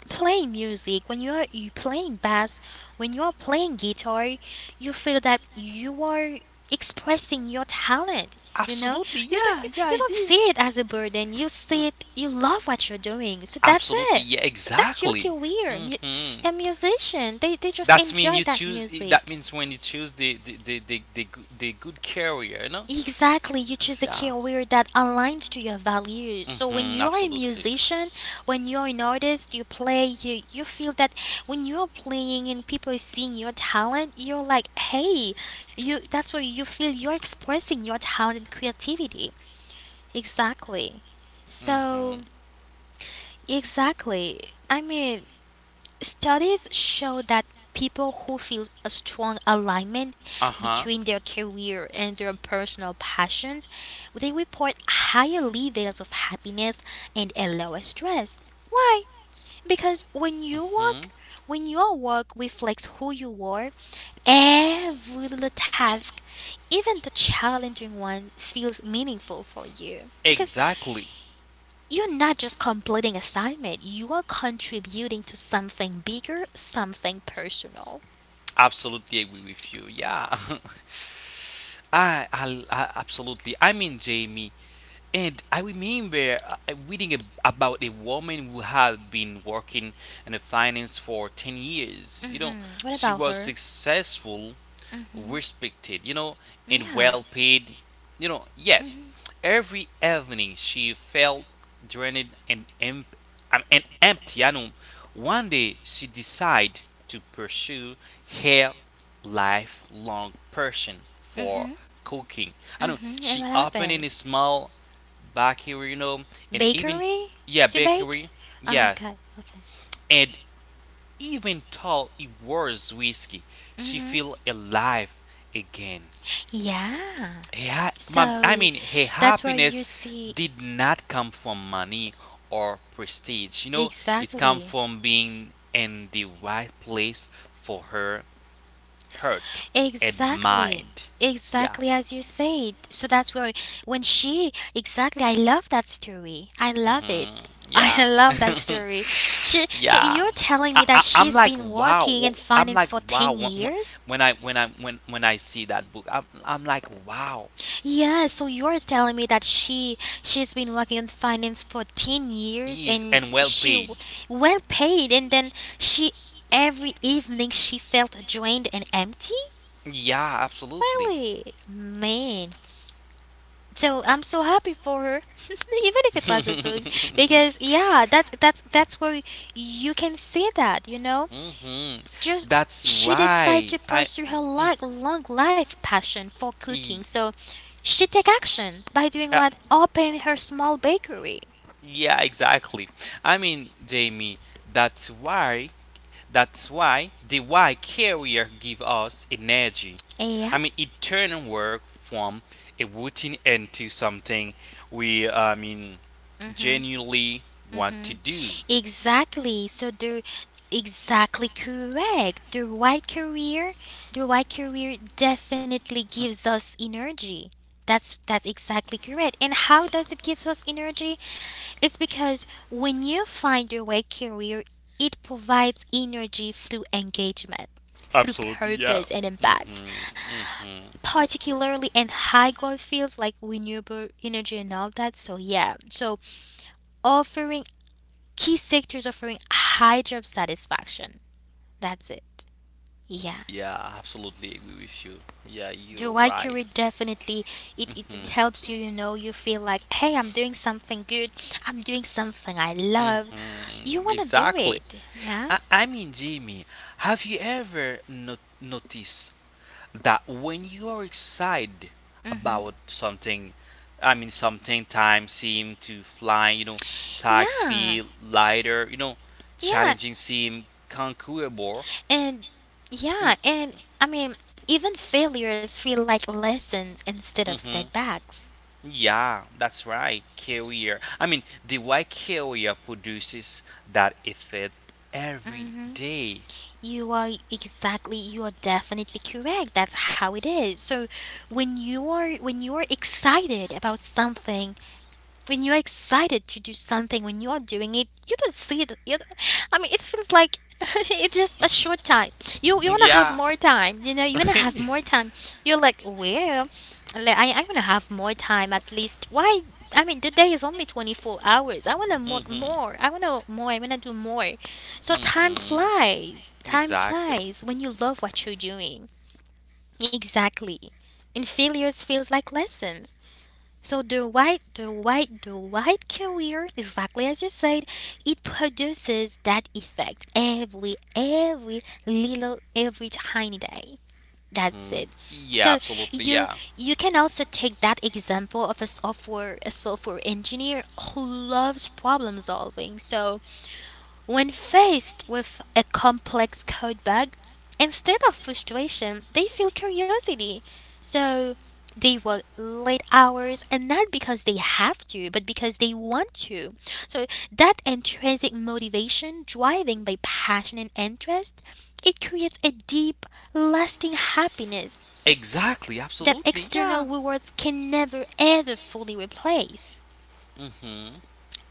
[SPEAKER 1] playing music, when you are you playing bass, when you are playing guitar, you feel that you are expressing your talent. You know,
[SPEAKER 2] Absolutely. Yeah. Yeah.
[SPEAKER 1] you
[SPEAKER 2] I
[SPEAKER 1] don't
[SPEAKER 2] did.
[SPEAKER 1] see it as a burden. You
[SPEAKER 2] Mm,
[SPEAKER 1] see it. You love what you're doing. So that's
[SPEAKER 2] absolutely.
[SPEAKER 1] it.
[SPEAKER 2] Yeah.
[SPEAKER 1] So that's your
[SPEAKER 2] Exactly.
[SPEAKER 1] career.
[SPEAKER 2] Mm hmm.
[SPEAKER 1] A musician, they just
[SPEAKER 2] That's mean
[SPEAKER 1] enjoy
[SPEAKER 2] you
[SPEAKER 1] that
[SPEAKER 2] choose. That
[SPEAKER 1] music.
[SPEAKER 2] means when you choose the the good career, you know.
[SPEAKER 1] Exactly, you choose a
[SPEAKER 2] Yeah.
[SPEAKER 1] career that aligns to your values. So when
[SPEAKER 2] Mm-hmm.
[SPEAKER 1] you are a
[SPEAKER 2] Absolutely.
[SPEAKER 1] musician, when you're an artist, you play, you feel that when you're playing and people are seeing your talent, you're like, hey, you. That's where you feel you're expressing your talent and creativity. Exactly.
[SPEAKER 2] Mm-hmm.
[SPEAKER 1] So exactly. I mean, studies show that people who feel a strong alignment
[SPEAKER 2] Uh huh.
[SPEAKER 1] between their career and their personal passions, they report higher levels of happiness and a lower stress. Why? Because
[SPEAKER 2] Mm-hmm.
[SPEAKER 1] when your work reflects who you are, every little task, even the challenging one, feels meaningful for you. Because
[SPEAKER 2] Exactly.
[SPEAKER 1] you're not just completing assignment, you are contributing to something bigger, something personal.
[SPEAKER 2] Absolutely agree with you. Yeah. I absolutely. I mean, Jamie. And I remember reading about a woman who had been working in the finance for 10 years. You know,
[SPEAKER 1] Hmm. What
[SPEAKER 2] she
[SPEAKER 1] about
[SPEAKER 2] was
[SPEAKER 1] her?
[SPEAKER 2] successful, respected, you know, and
[SPEAKER 1] Yeah.
[SPEAKER 2] well paid. You know, yet
[SPEAKER 1] Hmm.
[SPEAKER 2] every evening she felt drained and and empty. I know one day she decided to pursue her lifelong passion
[SPEAKER 1] Hmm.
[SPEAKER 2] for cooking. I know
[SPEAKER 1] Hmm. And
[SPEAKER 2] she
[SPEAKER 1] what
[SPEAKER 2] opened in
[SPEAKER 1] happened?
[SPEAKER 2] a small bakery, you know, and even
[SPEAKER 1] Bakery?
[SPEAKER 2] yeah,
[SPEAKER 1] To bake?
[SPEAKER 2] bakery,
[SPEAKER 1] Oh,
[SPEAKER 2] yeah,
[SPEAKER 1] okay. Okay.
[SPEAKER 2] and even though it was whiskey, she
[SPEAKER 1] Hmm.
[SPEAKER 2] felt alive again.
[SPEAKER 1] Yeah.
[SPEAKER 2] Her
[SPEAKER 1] So
[SPEAKER 2] her
[SPEAKER 1] that's where you
[SPEAKER 2] happiness
[SPEAKER 1] see
[SPEAKER 2] did not come from money or prestige. You know, it come
[SPEAKER 1] exactly.
[SPEAKER 2] from being in the right place for her heart and
[SPEAKER 1] Exactly.
[SPEAKER 2] mind. Yeah.
[SPEAKER 1] Exactly as you said. So that's where when she exactly, I love that story. I love it. I
[SPEAKER 2] Yeah.
[SPEAKER 1] love that story. She, so
[SPEAKER 2] Yeah.
[SPEAKER 1] you're telling me that
[SPEAKER 2] I'm
[SPEAKER 1] she's
[SPEAKER 2] like
[SPEAKER 1] been
[SPEAKER 2] wow.
[SPEAKER 1] working in
[SPEAKER 2] I'm
[SPEAKER 1] finance
[SPEAKER 2] like
[SPEAKER 1] for
[SPEAKER 2] wow
[SPEAKER 1] 10 years?
[SPEAKER 2] when I when I when I see that book. I'm like wow.
[SPEAKER 1] Yeah, so you're telling me that she's been working in finance for 10 years
[SPEAKER 2] He is
[SPEAKER 1] and
[SPEAKER 2] and well paid.
[SPEAKER 1] well paid, and then she every evening she felt drained and empty?
[SPEAKER 2] Yeah, absolutely.
[SPEAKER 1] Really? Man. So I'm so happy for her, even if it was a bug, because yeah, that's where you can see that you know,
[SPEAKER 2] hmm
[SPEAKER 1] just
[SPEAKER 2] That's
[SPEAKER 1] she decided
[SPEAKER 2] why
[SPEAKER 1] to
[SPEAKER 2] I.
[SPEAKER 1] pursue her
[SPEAKER 2] Mm,
[SPEAKER 1] like long life passion for cooking,
[SPEAKER 2] y-
[SPEAKER 1] so she take action by doing
[SPEAKER 2] uh,
[SPEAKER 1] what open her small bakery.
[SPEAKER 2] yeah, exactly. I mean, Jamie, that's why. That's why the Y carrier give us energy.
[SPEAKER 1] Yep.
[SPEAKER 2] It turn work from a routine into something we. I mean,
[SPEAKER 1] Mhm.
[SPEAKER 2] genuinely want to do.
[SPEAKER 1] Exactly. So the exactly correct. The right career definitely gives us energy. That's exactly correct. And how does it gives us energy? It's because when you find your right career, it provides energy through engagement, through
[SPEAKER 2] Absolutely, yeah.
[SPEAKER 1] purpose and impact,
[SPEAKER 2] Mm-hmm. Mm-hmm.
[SPEAKER 1] particularly in high growth fields like renewable energy and all that. So yeah. So offering Key sectors offering high job satisfaction. That's it. Yeah.
[SPEAKER 2] Yeah, I absolutely agree with you. Yeah,
[SPEAKER 1] The
[SPEAKER 2] you're
[SPEAKER 1] right career
[SPEAKER 2] right.
[SPEAKER 1] definitely it
[SPEAKER 2] Mm-hmm.
[SPEAKER 1] helps you, you know, you feel like, hey, I'm doing something good, I'm doing something I love. You
[SPEAKER 2] Mm-hmm.
[SPEAKER 1] wanna do
[SPEAKER 2] Exactly.
[SPEAKER 1] it. Yeah?
[SPEAKER 2] Jamie, have you ever not noticed that when you are excited
[SPEAKER 1] Mm-hmm.
[SPEAKER 2] about something, time seem to fly, you know, tags
[SPEAKER 1] Yeah.
[SPEAKER 2] feel lighter, you know,
[SPEAKER 1] Yeah.
[SPEAKER 2] challenging seem conquerable.
[SPEAKER 1] And yeah,
[SPEAKER 2] Mm,
[SPEAKER 1] and I mean, even failures feel like lessons instead of
[SPEAKER 2] mhm.
[SPEAKER 1] setbacks.
[SPEAKER 2] Yeah, that's right. Carrier. I mean, the white carrier produces that effect every
[SPEAKER 1] Mhm.
[SPEAKER 2] day.
[SPEAKER 1] You are definitely correct. That's how it is. So when you are excited about something, when you're excited to do something, when you're doing it, you don't see it. You don't- I mean, it feels like it's just a short time. You wanna have
[SPEAKER 2] Yeah.
[SPEAKER 1] more time. You know, you wanna have more time. You're like, well, like, I wanna have more time at least. Why? I mean, the day is only 24 hours. I wanna work
[SPEAKER 2] hmm
[SPEAKER 1] more. I wanna more. I wanna do more. So time
[SPEAKER 2] hmm
[SPEAKER 1] flies. Time
[SPEAKER 2] Exactly.
[SPEAKER 1] flies when you love what you're doing. Exactly. And failures feels like lessons. So the white carrier, exactly as you said, it produces that effect every tiny day. That's
[SPEAKER 2] Mm,
[SPEAKER 1] it.
[SPEAKER 2] yeah,
[SPEAKER 1] So
[SPEAKER 2] absolutely.
[SPEAKER 1] you
[SPEAKER 2] Yeah.
[SPEAKER 1] you can also take that example of a software engineer who loves problem solving. So when faced with a complex code bug, instead of frustration, they feel curiosity. So they work late hours and not because they have to, but because they want to. So that intrinsic motivation, driving by passion and interest, it creates a deep, lasting happiness
[SPEAKER 2] Exactly.
[SPEAKER 1] that
[SPEAKER 2] Absolutely.
[SPEAKER 1] external
[SPEAKER 2] Yeah.
[SPEAKER 1] rewards can never ever fully replace.
[SPEAKER 2] Mm-hmm.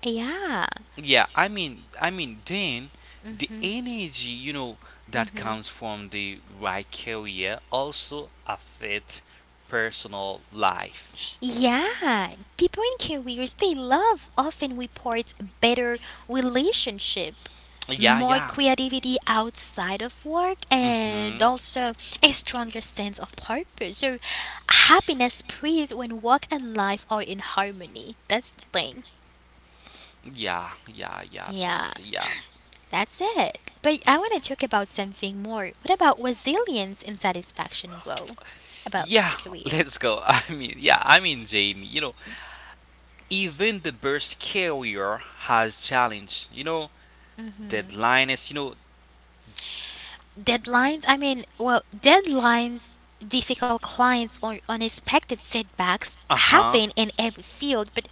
[SPEAKER 1] Yeah.
[SPEAKER 2] Then the
[SPEAKER 1] Mm-hmm.
[SPEAKER 2] energy, you know, that
[SPEAKER 1] Mm-hmm.
[SPEAKER 2] comes from the right career also affects personal life.
[SPEAKER 1] Yeah, people in careers they love often report better relationship,
[SPEAKER 2] Yeah,
[SPEAKER 1] more
[SPEAKER 2] yeah.
[SPEAKER 1] creativity outside of work, and
[SPEAKER 2] Mm-hmm.
[SPEAKER 1] also a stronger sense of purpose. So, happiness spreads when work and life are in harmony. That's the thing.
[SPEAKER 2] Yeah, yeah, yeah,
[SPEAKER 1] Yeah,
[SPEAKER 2] absolutely, yeah.
[SPEAKER 1] that's it. But I want to talk about something more. What about resilience and satisfaction grow about
[SPEAKER 2] Yeah,
[SPEAKER 1] career?
[SPEAKER 2] let's go. Jamie, you know, even the best carrier has challenge, you know,
[SPEAKER 1] Mm-hmm.
[SPEAKER 2] deadlines, you know,
[SPEAKER 1] Deadlines? I mean, well, deadlines, difficult clients, or unexpected setbacks
[SPEAKER 2] uh-huh.
[SPEAKER 1] happen in every field, but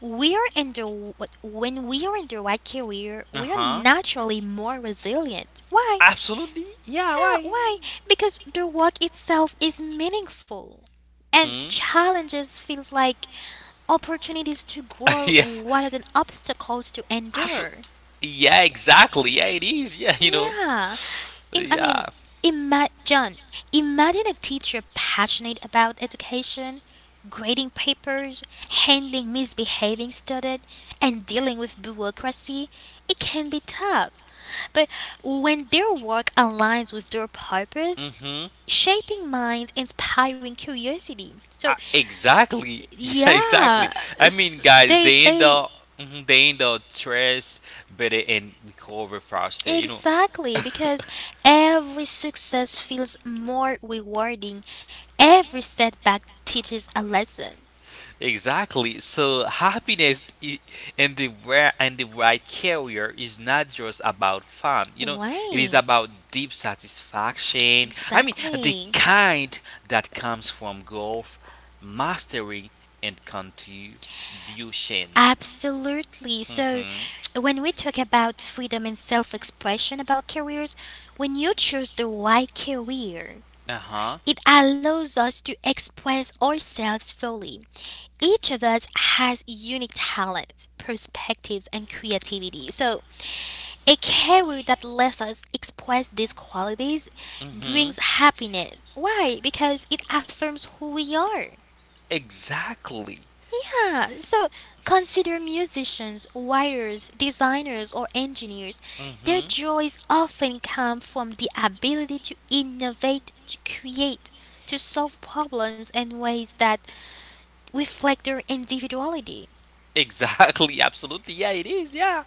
[SPEAKER 1] we are in the when we are in the right career, we are
[SPEAKER 2] Uh-huh.
[SPEAKER 1] naturally more resilient. Why?
[SPEAKER 2] Absolutely. Yeah,
[SPEAKER 1] Yeah,
[SPEAKER 2] why?
[SPEAKER 1] why? Because the work itself is meaningful. And
[SPEAKER 2] Hmm.
[SPEAKER 1] challenges feels like opportunities to grow
[SPEAKER 2] Yeah.
[SPEAKER 1] rather than obstacles to
[SPEAKER 2] Absolutely.
[SPEAKER 1] endure.
[SPEAKER 2] Yeah, exactly. Yeah, it is. Yeah, you know.
[SPEAKER 1] Yeah. I mean,
[SPEAKER 2] Yeah.
[SPEAKER 1] John, imagine a teacher passionate about education, grading papers, handling misbehaving students, and dealing with bureaucracy. It can be tough, but when their work aligns with their purpose,
[SPEAKER 2] Mm-hmm.
[SPEAKER 1] shaping minds, inspiring curiosity. So
[SPEAKER 2] Exactly. Yeah, exactly.
[SPEAKER 1] yeah,
[SPEAKER 2] I mean,
[SPEAKER 1] s-
[SPEAKER 2] guys,
[SPEAKER 1] they
[SPEAKER 2] they end
[SPEAKER 1] they
[SPEAKER 2] up, mhm, they end up stressed, better and recover faster. You know.
[SPEAKER 1] exactly, because every success feels more rewarding. Every setback teaches a lesson.
[SPEAKER 2] Exactly. In the where and the right career is not just about fun. You know, it is
[SPEAKER 1] Right.
[SPEAKER 2] about deep satisfaction. I mean, the
[SPEAKER 1] Exactly.
[SPEAKER 2] kind that comes from growth, mastery, and contribution.
[SPEAKER 1] Absolutely. So,
[SPEAKER 2] Mhm.
[SPEAKER 1] when we talk about freedom and self expression about careers, when you choose the right career,
[SPEAKER 2] Uh huh.
[SPEAKER 1] it allows us to express ourselves fully. Each of us has unique talents, perspectives, and creativity. So, a career that lets us express these qualities
[SPEAKER 2] Mhm.
[SPEAKER 1] brings happiness. Why? Because it affirms who we are.
[SPEAKER 2] Exactly.
[SPEAKER 1] Yeah, so consider musicians, writers, designers, or engineers. Their
[SPEAKER 2] Mhm.
[SPEAKER 1] joys often come from the ability to innovate, to create, to solve problems in ways that reflect their individuality.
[SPEAKER 2] Exactly. Absolutely. Yeah, it is. Yeah.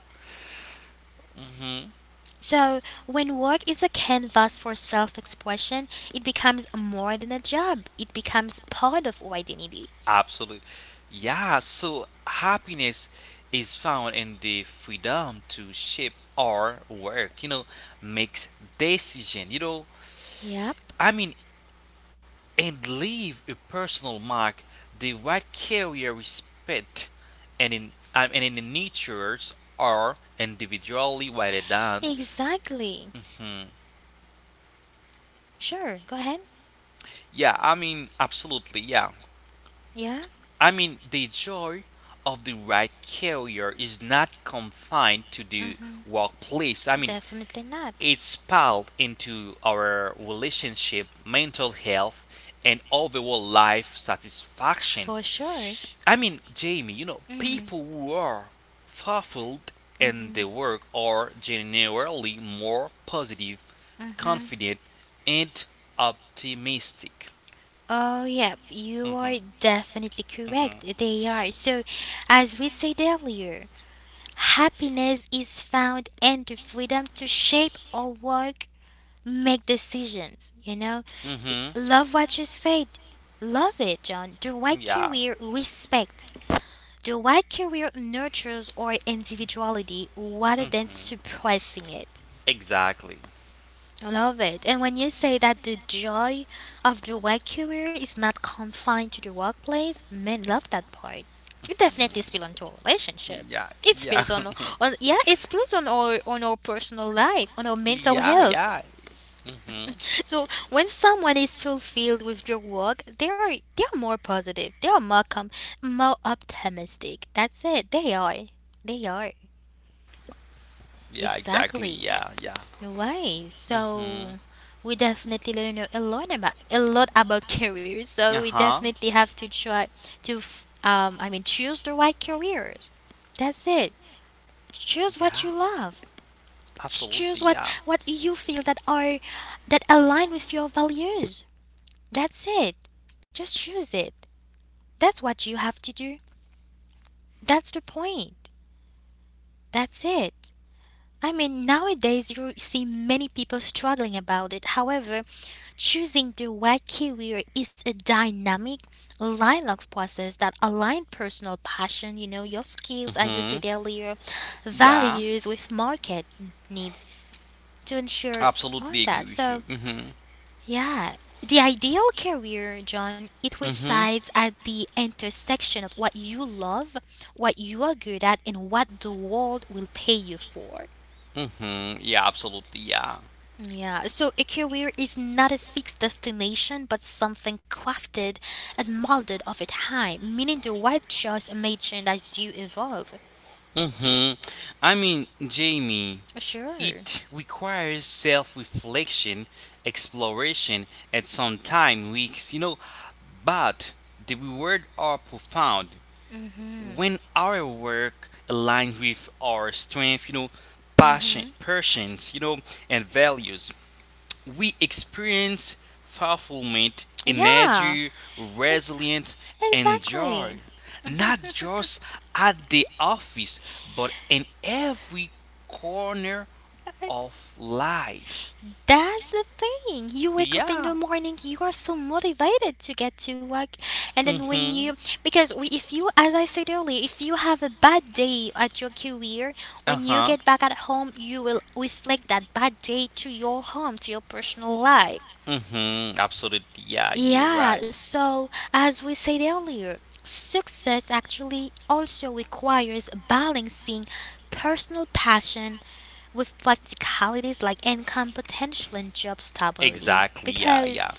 [SPEAKER 2] Mhm.
[SPEAKER 1] So, when work is a canvas for self expression, it becomes more than a job, it becomes part of our identity.
[SPEAKER 2] Absolutely. Yeah, so happiness is found in the freedom to shape our work, you know, makes decision, you know,
[SPEAKER 1] Yep,
[SPEAKER 2] I mean, and leave a personal mark the right carrier respect and in the natures are individually rather than
[SPEAKER 1] exactly.
[SPEAKER 2] hmm,
[SPEAKER 1] Sure, go ahead.
[SPEAKER 2] yeah, I mean absolutely yeah.
[SPEAKER 1] Yeah,
[SPEAKER 2] I mean, the joy of the right career is not confined to the
[SPEAKER 1] mm-hmm,
[SPEAKER 2] workplace. I mean,
[SPEAKER 1] definitely not.
[SPEAKER 2] it's spilled into our relationship, mental health, and overall life satisfaction.
[SPEAKER 1] For sure.
[SPEAKER 2] I mean, Jamie, you know, people
[SPEAKER 1] Mm-hmm.
[SPEAKER 2] who are fulfilled in
[SPEAKER 1] Mm-hmm.
[SPEAKER 2] their work are generally more positive,
[SPEAKER 1] Mm-hmm.
[SPEAKER 2] confident, and optimistic.
[SPEAKER 1] Oh, yep, you
[SPEAKER 2] Mm-hmm.
[SPEAKER 1] are definitely
[SPEAKER 2] Mm-hmm.
[SPEAKER 1] correct. They are. So, as we said earlier, happiness is found in the freedom to shape our work, make decisions, you know?
[SPEAKER 2] Mm-hmm.
[SPEAKER 1] Love what you said. Love it, John. The right
[SPEAKER 2] Yeah.
[SPEAKER 1] career respect. The right career nurtures our individuality rather than
[SPEAKER 2] Mm-hmm.
[SPEAKER 1] suppressing it.
[SPEAKER 2] Exactly.
[SPEAKER 1] I love it. And when you say that the joy of the right career is not confined to the workplace, men love that part. It definitely spills onto our
[SPEAKER 2] Mhm.
[SPEAKER 1] relationship.
[SPEAKER 2] Yeah.
[SPEAKER 1] It
[SPEAKER 2] Yeah.
[SPEAKER 1] spills on, on yeah, it spills on our personal life, on our mental
[SPEAKER 2] Yeah.
[SPEAKER 1] health.
[SPEAKER 2] Yeah. Mm-hmm.
[SPEAKER 1] So when someone is fulfilled with your work, they are more positive. They are more optimistic. That's it. They are. They are.
[SPEAKER 2] Yeah. Exactly.
[SPEAKER 1] Exactly.
[SPEAKER 2] Yeah. Yeah.
[SPEAKER 1] Why?
[SPEAKER 2] Mm-hmm.
[SPEAKER 1] So we definitely learn a lot about a lot about careers. So we
[SPEAKER 2] Uh-huh.
[SPEAKER 1] definitely have to try to I mean choose the right careers. That's it. Choose what
[SPEAKER 2] Yeah,
[SPEAKER 1] you love. Choose
[SPEAKER 2] absolutely.
[SPEAKER 1] what
[SPEAKER 2] Yeah.
[SPEAKER 1] what you feel that are that align with your values. That's it. Just choose it. That's what you have to do. That's the point. That's it. I mean, nowadays you see many people struggling about it. However, choosing the right career is a dynamic, lifelong process that aligns personal passion, you know, your skills, as we
[SPEAKER 2] hmm
[SPEAKER 1] said earlier,
[SPEAKER 2] Yeah,
[SPEAKER 1] values with market needs to ensure all
[SPEAKER 2] absolutely agree
[SPEAKER 1] that.
[SPEAKER 2] with you.
[SPEAKER 1] So, yeah. The ideal career, John, it
[SPEAKER 2] Hmm
[SPEAKER 1] resides at the intersection of what you love, what you are good at, and what the world will pay you for.
[SPEAKER 2] Yeah, absolutely. Yeah.
[SPEAKER 1] Yeah, so a career is not a fixed destination but something crafted and molded over time, meaning the right choice may change as you evolve.
[SPEAKER 2] hmm I mean, Jamie,
[SPEAKER 1] Sure.
[SPEAKER 2] it requires self reflection, exploration, and sometime weeks, you know. But the rewards are profound
[SPEAKER 1] Mm-hmm.
[SPEAKER 2] when our work aligns with our strength, you know,
[SPEAKER 1] Mm-hmm.
[SPEAKER 2] passions, you know, and values we experience fulfillment,
[SPEAKER 1] Yeah,
[SPEAKER 2] energy,
[SPEAKER 1] ex-
[SPEAKER 2] resilience, and joy,
[SPEAKER 1] exactly.
[SPEAKER 2] not just at the office, but in every corner of life.
[SPEAKER 1] That's the thing. You wake up in
[SPEAKER 2] Yeah.
[SPEAKER 1] the morning, you are so motivated to get to work. And then
[SPEAKER 2] Mm-hmm.
[SPEAKER 1] because we, if you, as I said earlier, if you have a bad day at your career, when you
[SPEAKER 2] Uh-huh.
[SPEAKER 1] get back at home, you will reflect that bad day to your home, to your personal life.
[SPEAKER 2] Mm-hmm. Absolutely. Yeah, you're
[SPEAKER 1] Yeah,
[SPEAKER 2] right.
[SPEAKER 1] so as we said earlier, success actually also requires balancing personal passion with practicalities like income potential and job stability.
[SPEAKER 2] Exactly. Yeah,
[SPEAKER 1] Because
[SPEAKER 2] yeah.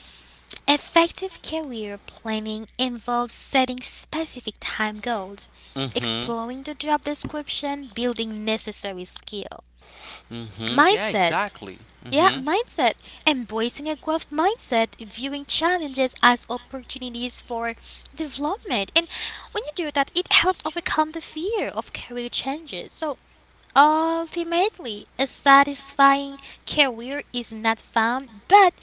[SPEAKER 1] effective career planning involves setting specific time goals,
[SPEAKER 2] Mm-hmm.
[SPEAKER 1] exploring the job description, building necessary skill.
[SPEAKER 2] Mm-hmm. Yeah,
[SPEAKER 1] Mindset.
[SPEAKER 2] exactly.
[SPEAKER 1] Yeah,
[SPEAKER 2] Mm-hmm.
[SPEAKER 1] mindset. Embracing a growth mindset, viewing challenges as opportunities for development. And when you do that, it helps overcome the fear of career changes. So, ultimately, a satisfying career is not found, but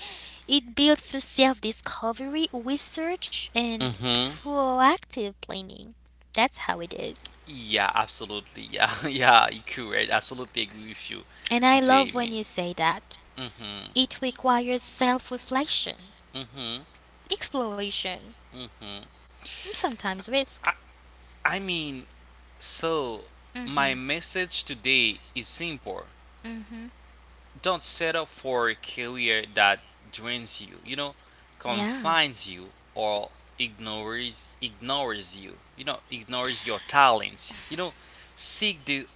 [SPEAKER 1] it built through self discovery, research, and
[SPEAKER 2] Mm-hmm.
[SPEAKER 1] proactive planning. That's how it is.
[SPEAKER 2] Yeah, absolutely. Yeah, yeah, you correct. Absolutely agree with you,
[SPEAKER 1] And I love when
[SPEAKER 2] Jamie.
[SPEAKER 1] you say that.
[SPEAKER 2] Mm-hmm.
[SPEAKER 1] It requires self reflection,
[SPEAKER 2] Mm-hmm.
[SPEAKER 1] exploration,
[SPEAKER 2] Mm-hmm.
[SPEAKER 1] and sometimes risk.
[SPEAKER 2] I, I mean, so
[SPEAKER 1] mm
[SPEAKER 2] my
[SPEAKER 1] hmm
[SPEAKER 2] message today is simple.
[SPEAKER 1] mm hmm
[SPEAKER 2] Don't settle for a career that drains you, you know,
[SPEAKER 1] Yeah.
[SPEAKER 2] confines you, or ignores you. You know, ignores your talents. You know, seek the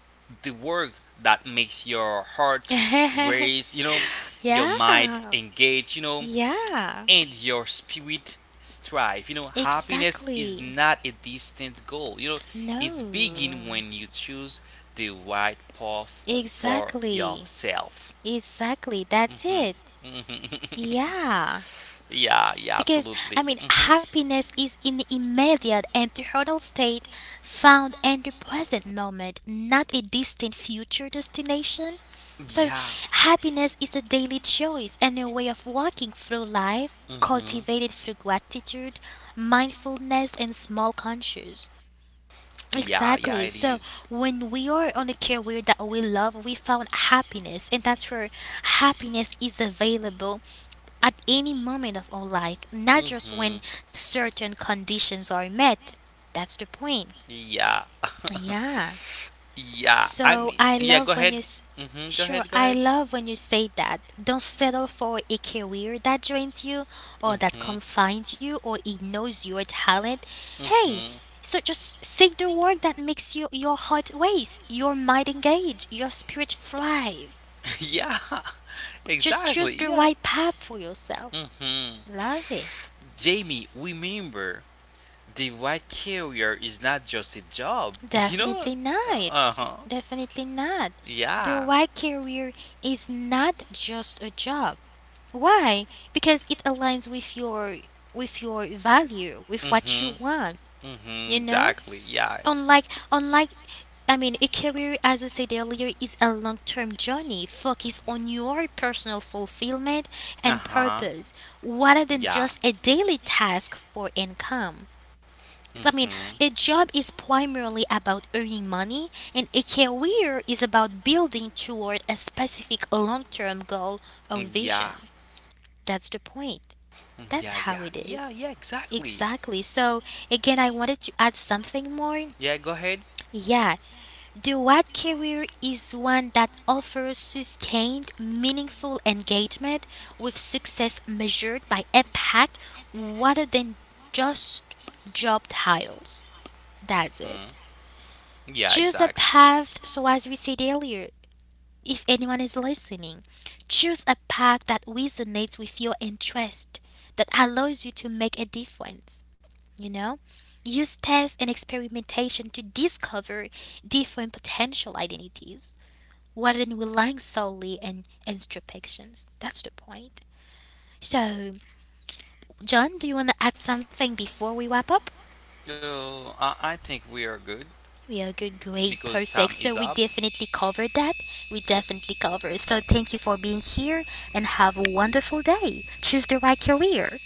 [SPEAKER 2] work that makes your heart race. You know, your mind
[SPEAKER 1] yeah.
[SPEAKER 2] engage, you know,
[SPEAKER 1] Yeah.
[SPEAKER 2] and your spirit strive. You know, happiness is
[SPEAKER 1] Exactly.
[SPEAKER 2] not a distant goal. You know, it's
[SPEAKER 1] No.
[SPEAKER 2] begin when you choose the right path for
[SPEAKER 1] Exactly.
[SPEAKER 2] yourself.
[SPEAKER 1] Exactly, that's
[SPEAKER 2] Mhm.
[SPEAKER 1] it.
[SPEAKER 2] Mhm.
[SPEAKER 1] Yeah.
[SPEAKER 2] Yeah, yeah,
[SPEAKER 1] Because, I
[SPEAKER 2] absolutely.
[SPEAKER 1] mean, happiness is an immediate and eternal state found in the present moment, not a distant future destination. So,
[SPEAKER 2] Yeah.
[SPEAKER 1] happiness is a daily choice and a way of walking through life
[SPEAKER 2] hmm
[SPEAKER 1] cultivated through gratitude, mindfulness, and small conscious.
[SPEAKER 2] Yeah, yeah,
[SPEAKER 1] Exactly.
[SPEAKER 2] it
[SPEAKER 1] So
[SPEAKER 2] is.
[SPEAKER 1] when we are on a career that we love, we found happiness, and that's where happiness is available at any moment of our life, not just when
[SPEAKER 2] Mm-hmm.
[SPEAKER 1] certain conditions are met. That's the point.
[SPEAKER 2] Yeah.
[SPEAKER 1] Yeah. So I
[SPEAKER 2] Go
[SPEAKER 1] love when
[SPEAKER 2] ahead.
[SPEAKER 1] you. S-
[SPEAKER 2] Mm-hmm. Go ahead.
[SPEAKER 1] Sure,
[SPEAKER 2] Go
[SPEAKER 1] I
[SPEAKER 2] ahead.
[SPEAKER 1] love when you say that. Don't settle for a career that drains you or that
[SPEAKER 2] Mm-hmm.
[SPEAKER 1] confines you or ignores your talent. Hey,
[SPEAKER 2] Mm-hmm.
[SPEAKER 1] so just seek the work that makes you your heart race, your mind engage, your spirit thrive.
[SPEAKER 2] Yeah.
[SPEAKER 1] Just choose
[SPEAKER 2] Exactly.
[SPEAKER 1] the
[SPEAKER 2] Yeah.
[SPEAKER 1] right path for yourself.
[SPEAKER 2] Mm-hmm.
[SPEAKER 1] Love it.
[SPEAKER 2] Jamie, remember, the white carrier is not just a job. You know.
[SPEAKER 1] Definitely not.
[SPEAKER 2] Uh huh.
[SPEAKER 1] Definitely not. The
[SPEAKER 2] Yeah.
[SPEAKER 1] white career is not just a job. Why? Because it aligns with your value, with what you want,
[SPEAKER 2] Mm-hmm.
[SPEAKER 1] you
[SPEAKER 2] Mm-hmm.
[SPEAKER 1] know?
[SPEAKER 2] Exactly. Yeah.
[SPEAKER 1] Unlike unlike I mean a career as we said earlier is a long term journey. Focus on your personal fulfillment and
[SPEAKER 2] Uh-huh.
[SPEAKER 1] purpose rather than
[SPEAKER 2] Yeah.
[SPEAKER 1] just a daily task for income. So, I mean, a
[SPEAKER 2] Mm-hmm.
[SPEAKER 1] job is primarily about earning money, and a career is about building toward a specific long term goal or
[SPEAKER 2] Mm, yeah.
[SPEAKER 1] vision. That's the point.
[SPEAKER 2] Mm,
[SPEAKER 1] That's
[SPEAKER 2] yeah.
[SPEAKER 1] how
[SPEAKER 2] Yeah.
[SPEAKER 1] it
[SPEAKER 2] Yeah.
[SPEAKER 1] is.
[SPEAKER 2] Yeah. Exactly.
[SPEAKER 1] Exactly. So, again, I wanted to add something more.
[SPEAKER 2] Yeah. Go ahead.
[SPEAKER 1] Yeah, the what career is one that offers sustained, meaningful engagement with success measured by impact rather than just job titles.
[SPEAKER 2] hmm
[SPEAKER 1] That's it.
[SPEAKER 2] Yeah. Exactly.
[SPEAKER 1] Choose a path, so as we said earlier, if anyone is listening, choose a path that resonates with your interest, that allows you to make a difference. You know? Use tests and experimentation to discover different potential identities rather than relying solely on introspections. That's the point. So, John, do you want to add something before we wrap up?
[SPEAKER 2] So I think we are good.
[SPEAKER 1] We are good, great,
[SPEAKER 2] Because time
[SPEAKER 1] perfect.
[SPEAKER 2] is
[SPEAKER 1] So we
[SPEAKER 2] up.
[SPEAKER 1] definitely covered that. We definitely covered. So thank you for being here and have a wonderful day. Choose the right career.